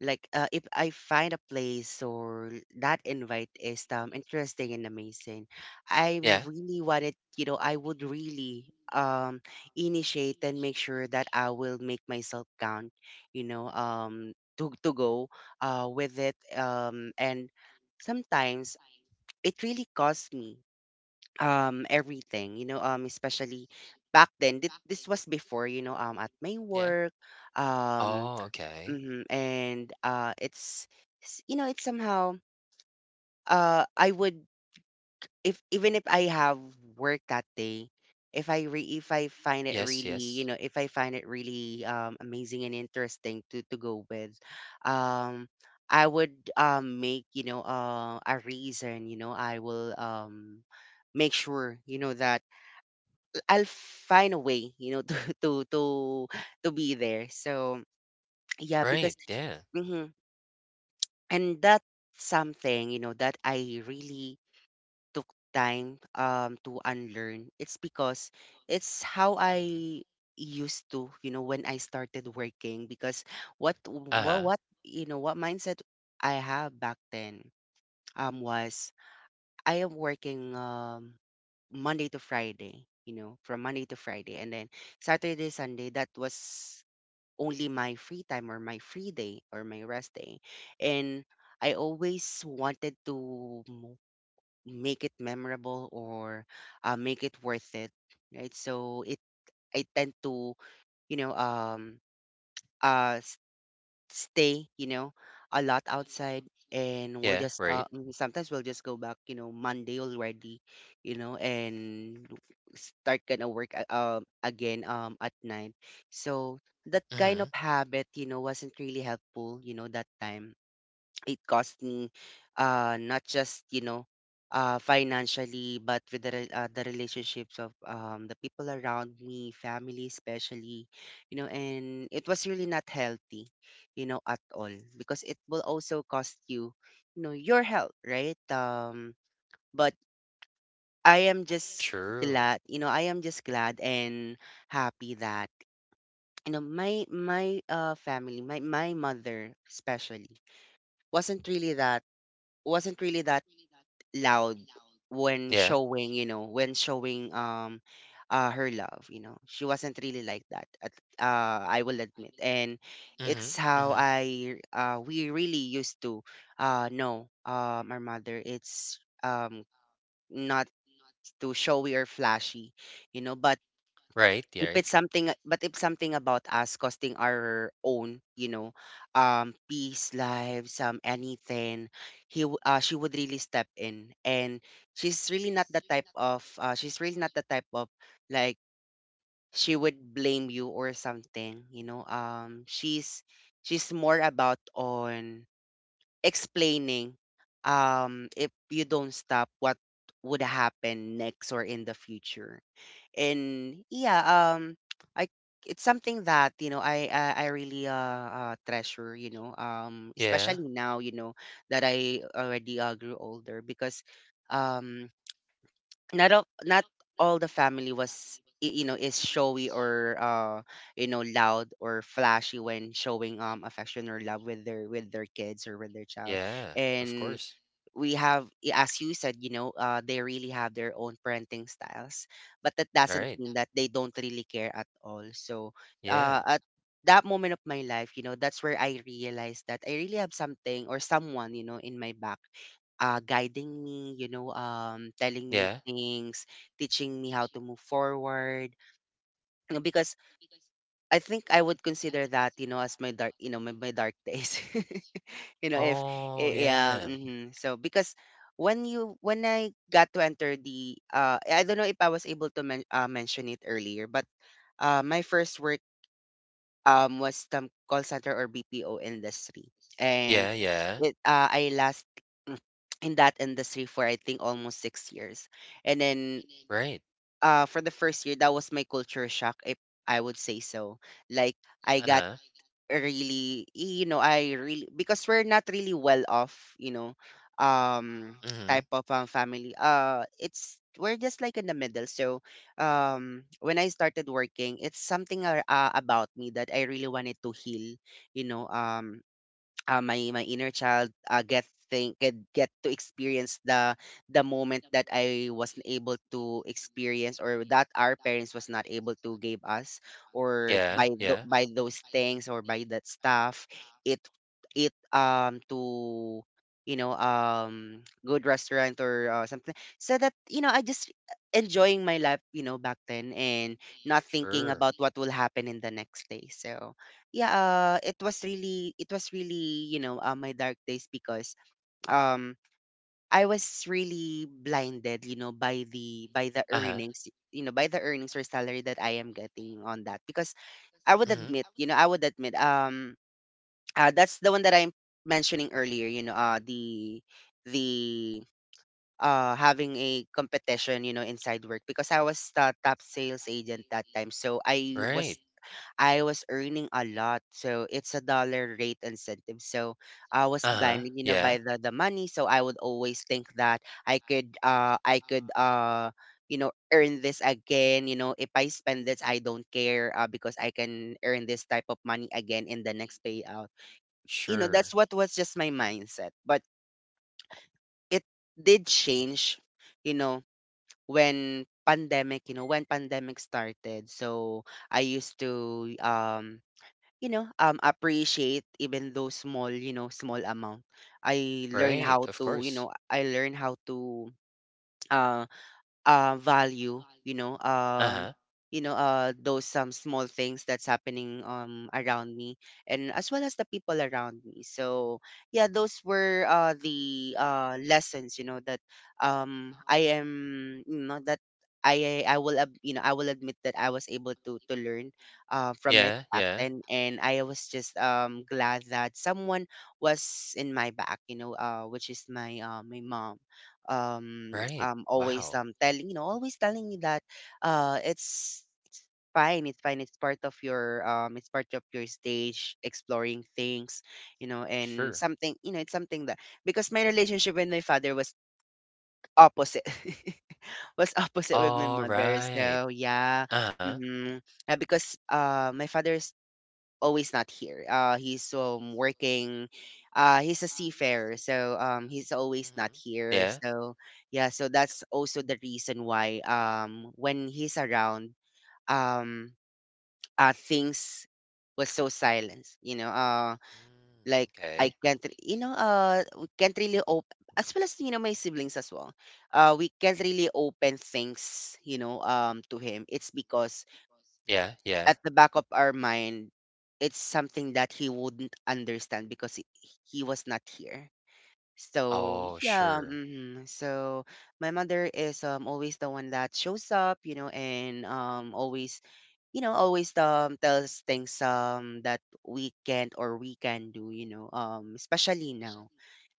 [SPEAKER 1] like uh, if I find a place or that invite is interesting and amazing, I
[SPEAKER 2] Yeah.
[SPEAKER 1] really wanted you know I would really initiate and make sure that I will make myself count, you know, to go with it, and sometimes it really costs me everything, you know, especially back then. This was before, you know, at my
[SPEAKER 2] Yeah.
[SPEAKER 1] work, um
[SPEAKER 2] Oh, okay.
[SPEAKER 1] mhm, and it's s- you know it's somehow I would, if even if I have work that day, if I find it
[SPEAKER 2] Yes.
[SPEAKER 1] really you
[SPEAKER 2] Yes.
[SPEAKER 1] know if I find it really amazing and interesting to go with, um I would make, you know, a reason, you know, I will make sure, you know, that I'll find a way, you know, to be there. So yeah, because
[SPEAKER 2] Right. Yeah.
[SPEAKER 1] mhm. And that's something, you know, that I really took time to unlearn. It's because it's how
[SPEAKER 2] Hmm.
[SPEAKER 1] I used to, you know, when I started working. Because
[SPEAKER 2] Uh huh.
[SPEAKER 1] what mindset I have back then was I am working Monday to Friday, you know, from Monday to Friday. And then Saturday, Sunday, that was only my free time or my free day or my rest day. And I always wanted to make it memorable, or make it worth it, right? So it I tend to, you know, uh stay, you know, a lot outside, and
[SPEAKER 2] Yeah. Right.
[SPEAKER 1] sometimes we'll just go back, you know, Monday already, you know, and start gonna work again at night. So that kind
[SPEAKER 2] Mm-hmm.
[SPEAKER 1] of habit, you know, wasn't really helpful, you know, that time. It cost me not just, you know, financially, but with the relationships of the people around me, family especially, you know, and it was really not healthy, you know, at all, because it will also cost you, you know, your health, right? But i am just
[SPEAKER 2] True.
[SPEAKER 1] I am just glad and happy that, you know, my family my my mother especially wasn't really that wasn't really that loud when
[SPEAKER 2] Yeah.
[SPEAKER 1] showing, her love, you know. She wasn't really like that. I will admit. And
[SPEAKER 2] Mm-hmm.
[SPEAKER 1] it's how
[SPEAKER 2] Mm-hmm.
[SPEAKER 1] I we really used to know our mother. It's not too showy or flashy, you know, but
[SPEAKER 2] Right. Yeah.
[SPEAKER 1] if
[SPEAKER 2] Right.
[SPEAKER 1] it's something but if something about us costing our own, you know, peace, lives, anything, she would really step in, and she's really not the type of, like, she would blame you or something, you know, she's more about on explaining if you don't stop what would happen next or in the future. And yeah, I it's something that, you know, I really treasure, you know,
[SPEAKER 2] Yeah.
[SPEAKER 1] especially now, you know, that I already grew older, because um not all the family was is showy or loud or flashy when showing affection or love with their kids or with their child.
[SPEAKER 2] Yeah, of
[SPEAKER 1] And
[SPEAKER 2] course.
[SPEAKER 1] as you said, you know, they really have their own parenting styles, but that doesn't
[SPEAKER 2] Alright.
[SPEAKER 1] mean that they don't really care at all. So
[SPEAKER 2] Yeah.
[SPEAKER 1] at that moment of my life, you know, that's where I realized that I really have something or someone, you know, in my back, guiding me, you know, telling me
[SPEAKER 2] Yeah.
[SPEAKER 1] things, teaching me how to move forward. You know, because I think I would consider that, you know, as my dark, you know, my dark days. you know if
[SPEAKER 2] Oh,
[SPEAKER 1] I- yeah
[SPEAKER 2] yeah.
[SPEAKER 1] hmm so because when I got to enter the I don't know if I was able to mention it earlier, but my first work was the call center or BPO industry. And
[SPEAKER 2] Yeah, yeah.
[SPEAKER 1] it I last in that industry for I think almost 6 years. And then
[SPEAKER 2] Right.
[SPEAKER 1] for the first year, that was my culture shock, if I would say so. Like, I got
[SPEAKER 2] Uh-huh.
[SPEAKER 1] really, you know, I really, because we're not really well off, you know, um
[SPEAKER 2] Mhm.
[SPEAKER 1] type of family, it's we're just like in the middle. So when I started working, it's something about me that I really wanted to heal, you know. My inner child, get think get to experience the moment that I wasn't able to experience, or that our parents was not able to give us, or
[SPEAKER 2] Yeah,
[SPEAKER 1] by
[SPEAKER 2] yeah.
[SPEAKER 1] by those things or by that stuff. it it to, you know, good restaurant, or something, so that, you know, I just enjoying my life, you know, back then, and not thinking
[SPEAKER 2] Sure.
[SPEAKER 1] about what will happen in the next day. So yeah, it was really, it was really, you know, my dark days, because um I was really blinded, you know, by the
[SPEAKER 2] Uh-huh.
[SPEAKER 1] earnings, you know, by the earnings or salary that I am getting on that. Because I would
[SPEAKER 2] Mhm.
[SPEAKER 1] admit, you know, I would admit, that's the one that I'm mentioning earlier, you know, the the having a competition, you know, inside work, because I was the top sales agent that time. So
[SPEAKER 2] Right.
[SPEAKER 1] I was earning a lot. So it's a dollar rate incentive. So I was
[SPEAKER 2] Uh-huh.
[SPEAKER 1] blinded, you know,
[SPEAKER 2] Yeah.
[SPEAKER 1] by the money. So I would always think that I could you know, earn this again, you know. If I spend this, I don't care, because I can earn this type of money again in the next payout. You know,
[SPEAKER 2] Sure.
[SPEAKER 1] that's what was just my mindset. But it did change, you know, when pandemic, you know, when pandemic started. So I used to you know, appreciate even those small, you know, small amount. I learn
[SPEAKER 2] Right.
[SPEAKER 1] how
[SPEAKER 2] Of
[SPEAKER 1] to, you
[SPEAKER 2] course.
[SPEAKER 1] know, I learn how to um value,
[SPEAKER 2] Uh-huh.
[SPEAKER 1] you know, those some small things that's happening around me, and as well as the people around me. So yeah, those were the lessons, you know, that I am, you know, that I will you know, I will admit that I was able to learn from it
[SPEAKER 2] Yeah,
[SPEAKER 1] back
[SPEAKER 2] yeah.
[SPEAKER 1] then. And I was just glad that someone was in my back, you know, which is my my mom,
[SPEAKER 2] Right.
[SPEAKER 1] always
[SPEAKER 2] Wow.
[SPEAKER 1] telling, you know, always telling me that it's fine, it's fine, it's part of your, it's part of your stage exploring things, you know, and
[SPEAKER 2] Sure.
[SPEAKER 1] something, you know, it's something that, because my relationship with my father was opposite, was opposite with my mother.
[SPEAKER 2] Alright.
[SPEAKER 1] So yeah,
[SPEAKER 2] Uh-huh.
[SPEAKER 1] mm-hmm. Because my father's always not here. He's working. He's a seafarer, so he's always not
[SPEAKER 2] Mhm.
[SPEAKER 1] here.
[SPEAKER 2] Yeah.
[SPEAKER 1] So yeah, so that's also the reason why when he's around, um things was so silent. You know,
[SPEAKER 2] Mm,
[SPEAKER 1] like, I
[SPEAKER 2] okay.
[SPEAKER 1] can't you know, we can't really open, as well as, you know, my siblings as well. We can't really open things, you know, to him. It's because
[SPEAKER 2] Yeah, yeah.
[SPEAKER 1] at the back of our mind, it's something that he wouldn't understand, because he was not here. So
[SPEAKER 2] Oh,
[SPEAKER 1] yeah,
[SPEAKER 2] sure.
[SPEAKER 1] hmm, so my mother is always the one that shows up, you know, and always, you know, always tells things that we can't or we can do, you know, especially now.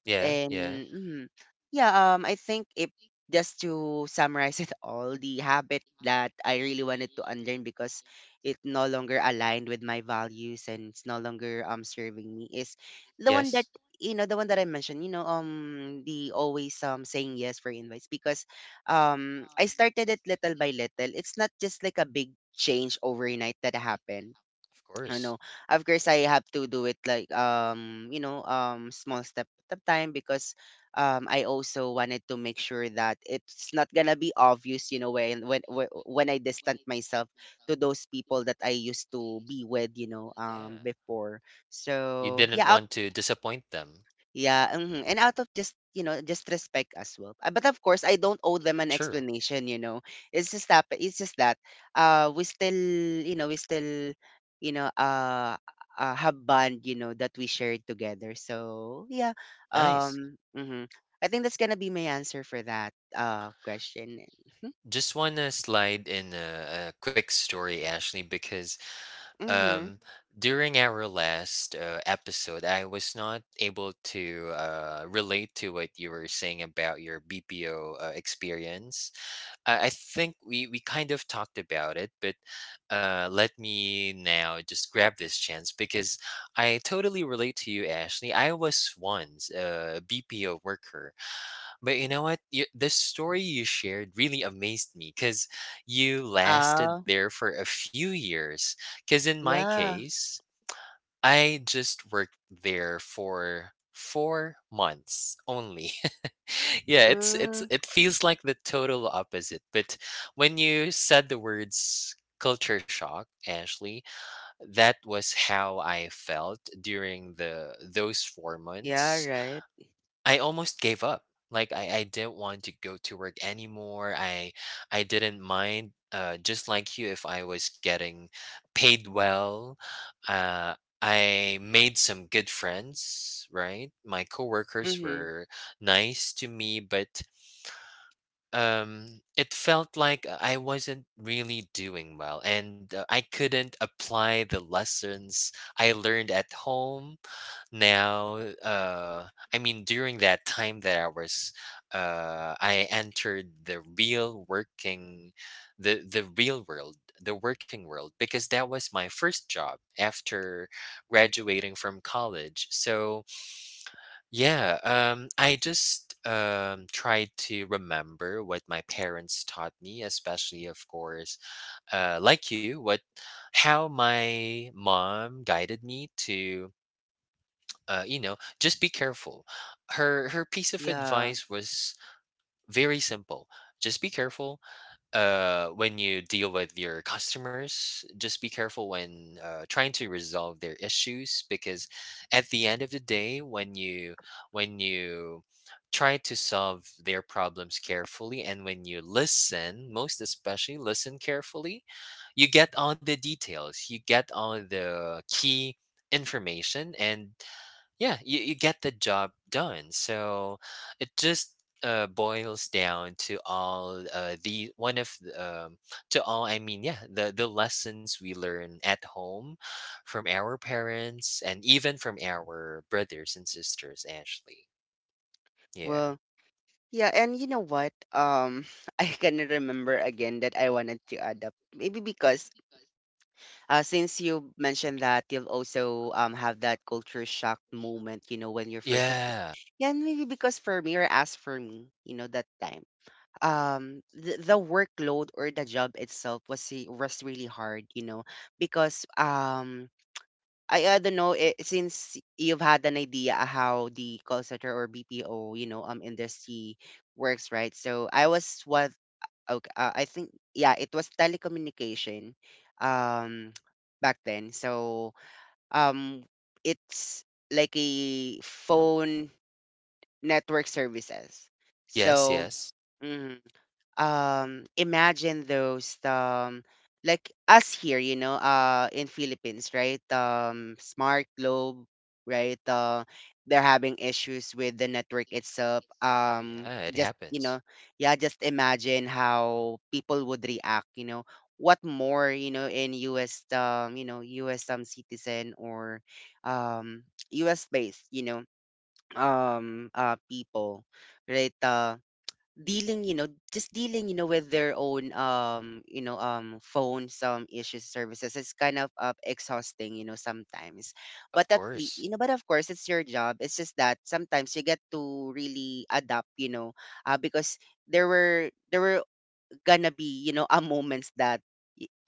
[SPEAKER 2] Yeah,
[SPEAKER 1] And
[SPEAKER 2] yeah.
[SPEAKER 1] mhm. Yeah, I think if, just to summarize it all, the habit that I really wanted to unlearn, because it no longer aligned with my values and it's no longer serving me, is the one that,
[SPEAKER 2] Yes.
[SPEAKER 1] you know, the one that I mentioned. You know, the always saying yes for invites. Because I started it little by little. It's not just like a big change overnight that happened.
[SPEAKER 2] Of course.
[SPEAKER 1] Ano, of course I have to do it like, you know, small step at a time, because I also wanted to make sure that it's not gonna be obvious, you know, when when I distant myself to those people that I used to be with, you know,
[SPEAKER 2] Yeah.
[SPEAKER 1] before.
[SPEAKER 2] You
[SPEAKER 1] So
[SPEAKER 2] didn't
[SPEAKER 1] yeah.
[SPEAKER 2] want to disappoint them.
[SPEAKER 1] Yeah, mhm, and out of just, you know, just respect as well. But of course, I don't owe them an
[SPEAKER 2] True.
[SPEAKER 1] explanation, you know. It's just that we still, you know, we still, you know, have bond, you know, that we shared together. So, yeah.
[SPEAKER 2] Nice.
[SPEAKER 1] Mhm. I think that's going to be my answer for that question.
[SPEAKER 2] Just want to slide in a quick story, Ashley, because
[SPEAKER 1] Mhm.
[SPEAKER 2] um, during our last episode, I was not able to relate to what you were saying about your BPO experience. I think we kind of talked about it, but let me now just grab this chance because I totally relate to you, Ashley. I was once a BPO worker. But you know what? This story you shared really amazed me because you lasted
[SPEAKER 1] Uh
[SPEAKER 2] there for a few years. Because in my
[SPEAKER 1] yeah.
[SPEAKER 2] case, I just worked there for 4 months only. Yeah, it's
[SPEAKER 1] Mm,
[SPEAKER 2] it feels like the total opposite. But when you said the words culture shock, Ashley, that was how I felt during the those four
[SPEAKER 1] yeah,
[SPEAKER 2] months
[SPEAKER 1] right.
[SPEAKER 2] I almost gave up. Like I didn't want to go to work anymore. I didn't mind just like you if I was getting paid well. Uh I made some good friends, right? My coworkers
[SPEAKER 1] Mhm.
[SPEAKER 2] were nice to me, but it felt like I wasn't really doing well, and I couldn't apply the lessons I learned at home now I mean during that time that I entered the real working, the real world, the working world, because that was my first job after graduating from college. So yeah, I just tried to remember what my parents taught me, especially of course, like you, what how my mom guided me to you know, just be careful. Her piece of
[SPEAKER 1] Yeah.
[SPEAKER 2] advice was very simple. Just be careful when you deal with your customers. Just be careful when trying to resolve their issues because at the end of the day, when you try to solve their problems carefully, and when you listen, most especially listen carefully, you get all the details. You get all the key information, and yeah, you get the job done. So it just boils down to all the one of the, to all I mean yeah, the lessons we learn at home from our parents and even from our brothers and sisters, actually. Yeah.
[SPEAKER 1] Well, yeah, and you know what? I can remember again that I wanted to add up. Maybe because, since you mentioned that you'll also have that culture shock moment, you know, when you're first. Rec-
[SPEAKER 2] Yeah.
[SPEAKER 1] yeah, and maybe because for me, or as for me, you know, that time, the workload or the job itself was was really hard, you know, because I don't know, it, since you've had an idea how the call center or BPO, you know, industry works, right? So I was what, okay, I think, yeah, it was telecommunication um back then. So um it's like a phone network services.
[SPEAKER 2] Yes,
[SPEAKER 1] So
[SPEAKER 2] yes.
[SPEAKER 1] mhm, imagine those like us here, you know, in Philippines, right, Smart, Globe, right, they're having issues with the network itself.
[SPEAKER 2] Oh yeah, it
[SPEAKER 1] Just, you
[SPEAKER 2] happens.
[SPEAKER 1] know, yeah, just imagine how people would react, you know, what more, you know, in US, you know, US citizen, or um US based, you know, people, right. Dealing, you know, just dealing, you know, with their own, you know, phone, some issues, services, is kind of exhausting, you know, sometimes.
[SPEAKER 2] Of
[SPEAKER 1] But at least,
[SPEAKER 2] course.
[SPEAKER 1] you know, but of course it's your job. It's just that sometimes you get to really adapt, you know. Because there were gonna be, you know, a moments that,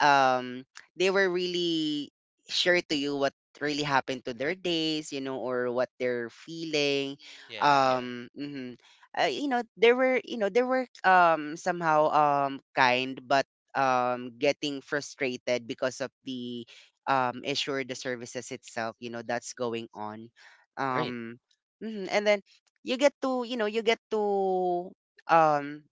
[SPEAKER 1] um they were really share to you what really happened to their days, you know, or what they're feeling.
[SPEAKER 2] Yeah, yeah.
[SPEAKER 1] Mhm. You know, there were you know there were somehow kind, but getting frustrated because of the issue or the services itself, you know, that's going on.
[SPEAKER 2] Right.
[SPEAKER 1] um mhm. And then you get to, you know, you get to um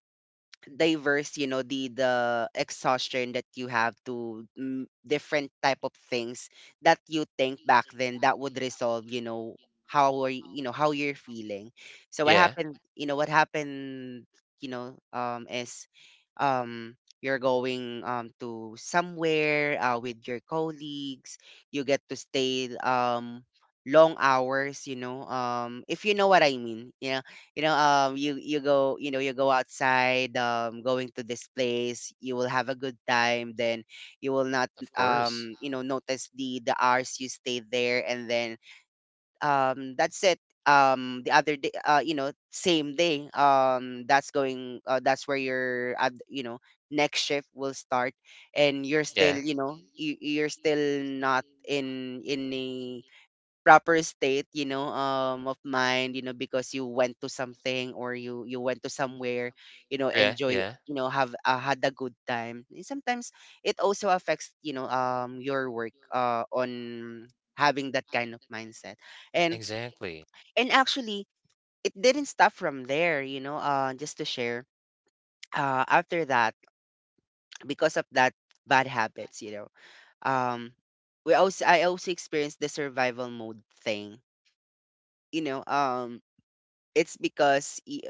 [SPEAKER 1] diverse, you know, the exhaustion that you have to, mm, different type of things that you think back then that would resolve, you know, how are you, you know, how you're feeling. So what
[SPEAKER 2] Yeah.
[SPEAKER 1] happened, you know, what happened, you know, is, um you're going to somewhere, with your colleagues. You get to stay long hours, you know, if you know what I mean. Yeah, you know, you go, you know, you go outside, going to this place, you will have a good time, then you will not
[SPEAKER 2] Of course.
[SPEAKER 1] you know, notice the hours you stay there. And then, that's it. The other day, you know, same day, that's going, that's where your, you know, next shift will start. And you're still,
[SPEAKER 2] Yeah,
[SPEAKER 1] you know, you're still not in a proper state, you know, of mind, you know, because you went to something, or you went to somewhere, you know,
[SPEAKER 2] yeah.
[SPEAKER 1] enjoy,
[SPEAKER 2] Yeah,
[SPEAKER 1] you know, have, had a good time. And sometimes it also affects, you know, your work, on having that kind of mindset. And
[SPEAKER 2] exactly.
[SPEAKER 1] and actually, it didn't stop from there, you know, just to share. After that, because of that bad habits, you know, um, we also I also experienced the survival mode thing. You know, It's because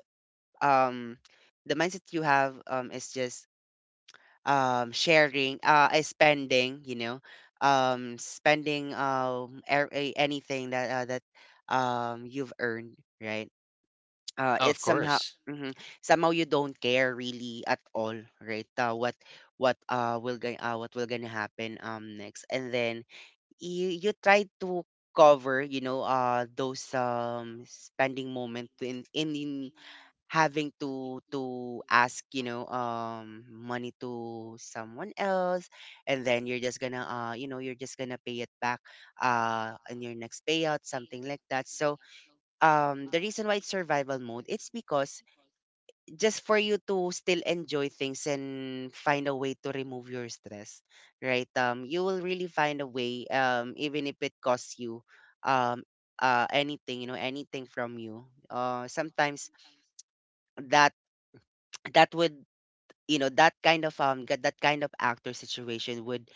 [SPEAKER 1] um the mindset you have is just sharing, spending, you know, spending, anything that you've earned, right?
[SPEAKER 2] Oh, of
[SPEAKER 1] It's somehow,
[SPEAKER 2] course.
[SPEAKER 1] mhm, somehow you don't care really at all, right? What will going what will gonna happen next. And then you try to cover, you know, those spending moment in having to ask, you know, money to someone else. And then you're just gonna, you know, you're just gonna pay it back in your next payout, something like that. So the reason why it's survival mode, it's because just for you to still enjoy things and find a way to remove your stress, right? You will really find a way, even if it costs you, um anything, you know, anything from you. Sometimes that would, you know, that kind of get, that kind of actor situation would,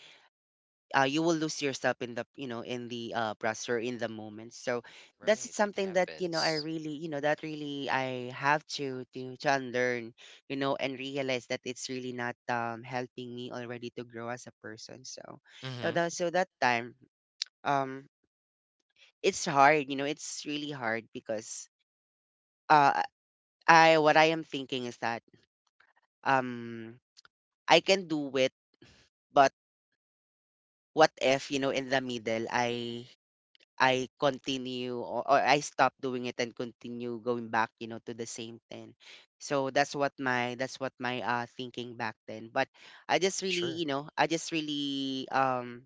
[SPEAKER 1] you will lose yourself in the, you know, in the process or in the moment. So that's it,
[SPEAKER 2] Right, it
[SPEAKER 1] something that, you know,
[SPEAKER 2] happens.
[SPEAKER 1] I really, you know, that really I have to to unlearn, you know, and realize that it's really not helping me already to grow as a person. So you
[SPEAKER 2] Mhm.
[SPEAKER 1] know, that, so that time, um it's hard, you know, it's really hard, because uh I what I am thinking is that, um I can do it, but. What if, you know, in the middle I continue or I stop doing it and continue going back, you know, to the same thing. So that's what my thinking back then. But I just really,
[SPEAKER 2] Sure.
[SPEAKER 1] I just really um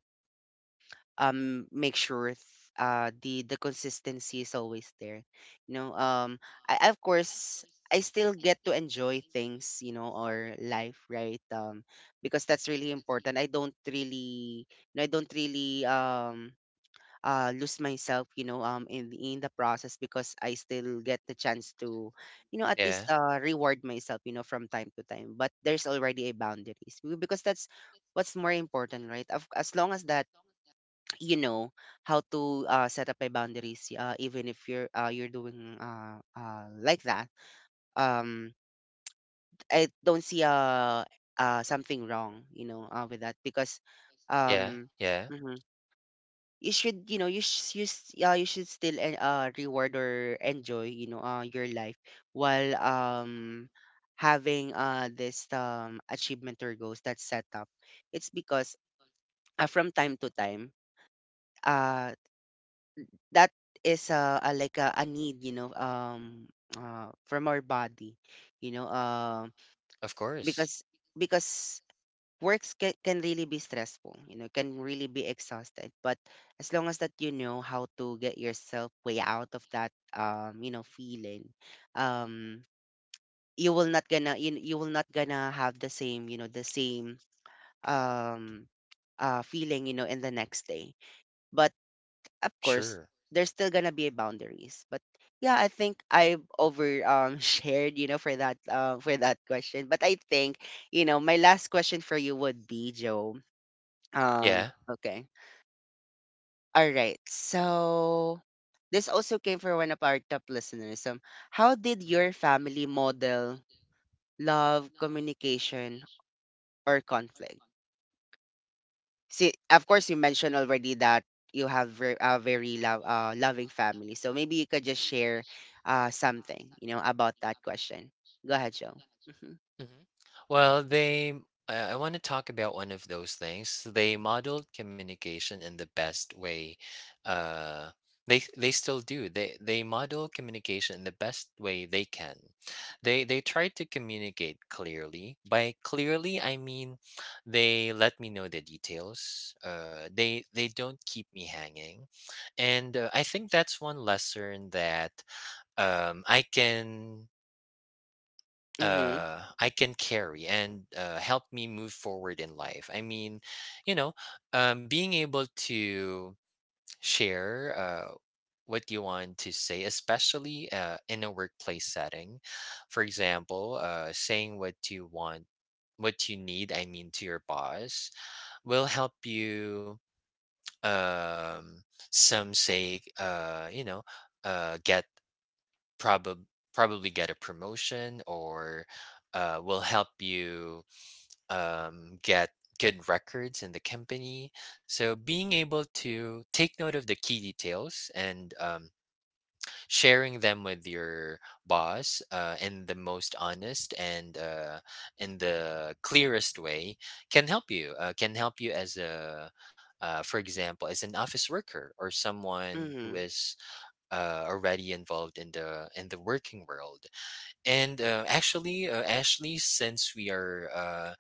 [SPEAKER 1] um make sure the consistency is always there, you know. I, of course, I still get to enjoy things, you know, or life, right? Because that's really important. I don't really, I don't really lose myself, you know, in the process, because I still get the chance to, you know, at least
[SPEAKER 2] Yeah.
[SPEAKER 1] reward myself, you know, from time to time. But there's already a boundaries because that's what's more important, right? As long as that, you know, how to set up my boundaries, even if you're you're doing like that, um I don't see something wrong, you know, with that. Because
[SPEAKER 2] Yeah.
[SPEAKER 1] um
[SPEAKER 2] Yeah.
[SPEAKER 1] mhm, you should, you know, you sh- you, s- you should still reward or enjoy, you know, your life, while having this achievement or goals that's set up. It's because, from time to time, uh that is a like a need, you know, from our body, you know.
[SPEAKER 2] Of course.
[SPEAKER 1] because because works can really be stressful, you know, can really be exhausted. But as long as that, you know how to get yourself way out of that, you know, feeling um you will not gonna you will not gonna have the same, you know, the same um feeling, you know, in the next day. But of course,
[SPEAKER 2] Sure.
[SPEAKER 1] there's still gonna be boundaries. But yeah, I think I've over shared, you know, for that for that question. But I think, you know, my last question for you would be, Joe.
[SPEAKER 2] Yeah.
[SPEAKER 1] Okay. All right. So this also came from one of our top listeners. How did your family model love, communication, or conflict? See, of course, you mentioned already that you have a very love, loving family. So maybe you could just share something, you know, about that question. Go ahead, Joe. Mm-hmm.
[SPEAKER 2] Mhm. Well, they, I want to talk about one of those things. They modeled communication in the best way. Uh, they still do. They model communication in the best way they can. They try to communicate clearly. By clearly, I mean they let me know the details. They don't keep me hanging, and I think that's one lesson that I can
[SPEAKER 1] Mm-hmm.
[SPEAKER 2] carry and help me move forward in life. I mean, you know, being able to share what you want to say, especially in a workplace setting. For example, saying what you want, what you need, I mean, to your boss will help you, um, some say, you know, get probably probably get a promotion, or will help you get good records in the company. So being able to take note of the key details and sharing them with your boss in the most honest and, in the clearest way can help you, can help you as a, for example, as an office worker or someone who
[SPEAKER 1] Mm-hmm.
[SPEAKER 2] is already involved in the working world. And actually Ashley, since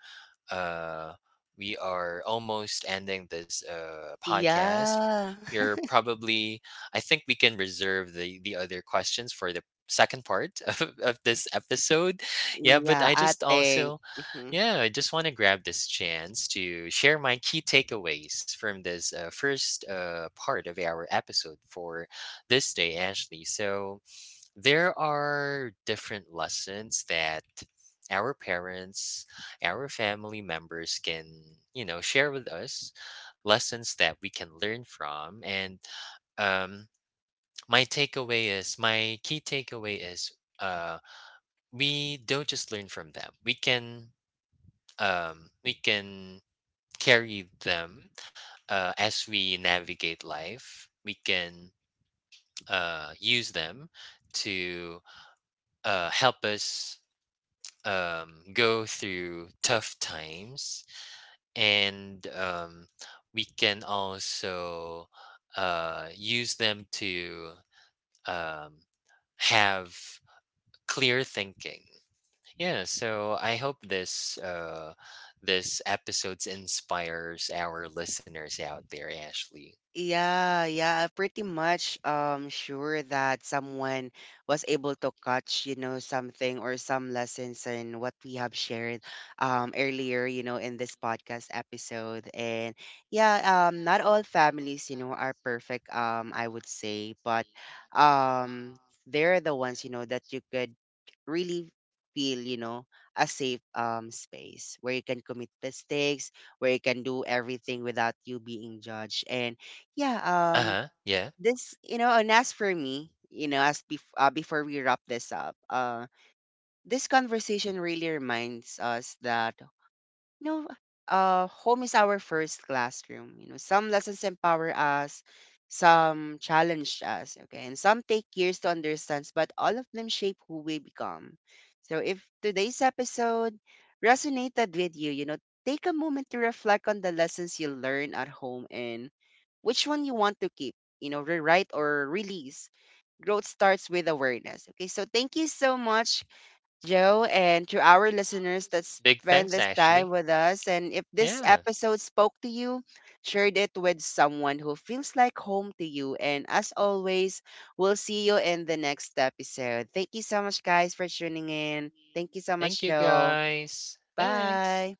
[SPEAKER 2] uh, we are almost ending this podcast.
[SPEAKER 1] Yeah.
[SPEAKER 2] We're probably, I think we can reserve the other questions for the second part of this episode. Yeah, but
[SPEAKER 1] Yeah,
[SPEAKER 2] I
[SPEAKER 1] I
[SPEAKER 2] just
[SPEAKER 1] think.
[SPEAKER 2] also,
[SPEAKER 1] Mm-hmm.
[SPEAKER 2] yeah, I just want to grab this chance to share my key takeaways from this first part of our episode for this day, Ashley. So, there are different lessons that our parents, our family members can, you know, share with us, lessons that we can learn from. And um, my takeaway is, my key takeaway is, uh, we don't just learn from them. We can carry them as we navigate life. We can use them to help us go through tough times, and we can also use them to um, have clear thinking. Yeah, so I hope this this episodes inspires our listeners out there, Ashley.
[SPEAKER 1] Yeah, yeah, pretty much sure that someone was able to catch, you know, something or some lessons in what we have shared earlier, you know, in this podcast episode. And yeah, not all families, you know, are perfect, um, I would say, but um they're the ones, you know, that you could really feel, you know, a safe space where you can commit mistakes, where you can do everything without you being judged. And yeah,
[SPEAKER 2] Uh-huh, yeah.
[SPEAKER 1] this, you know, and as for me, you know, as before we wrap this up, this conversation really reminds us that no, home is our first classroom. You know, some lessons empower us, some challenge us, okay, and some take years to understand, but all of them shape who we become. So if today's episode resonated with you, you know, take a moment to reflect on the lessons you learn at home, and which one you want to keep, you know, rewrite or release. Growth starts with awareness. Okay, so thank you so much, Joe, and to our listeners that
[SPEAKER 2] Big
[SPEAKER 1] spend
[SPEAKER 2] thanks,
[SPEAKER 1] this time
[SPEAKER 2] Ashley.
[SPEAKER 1] with us. And if this
[SPEAKER 2] Yeah.
[SPEAKER 1] episode spoke to you, share it with someone who feels like home to you. And as always, we'll see you in the next episode. Thank you so much, guys, for tuning in. Thank you so
[SPEAKER 2] Thank
[SPEAKER 1] much,
[SPEAKER 2] you
[SPEAKER 1] Joe.
[SPEAKER 2] guys. Thanks.
[SPEAKER 1] Bye.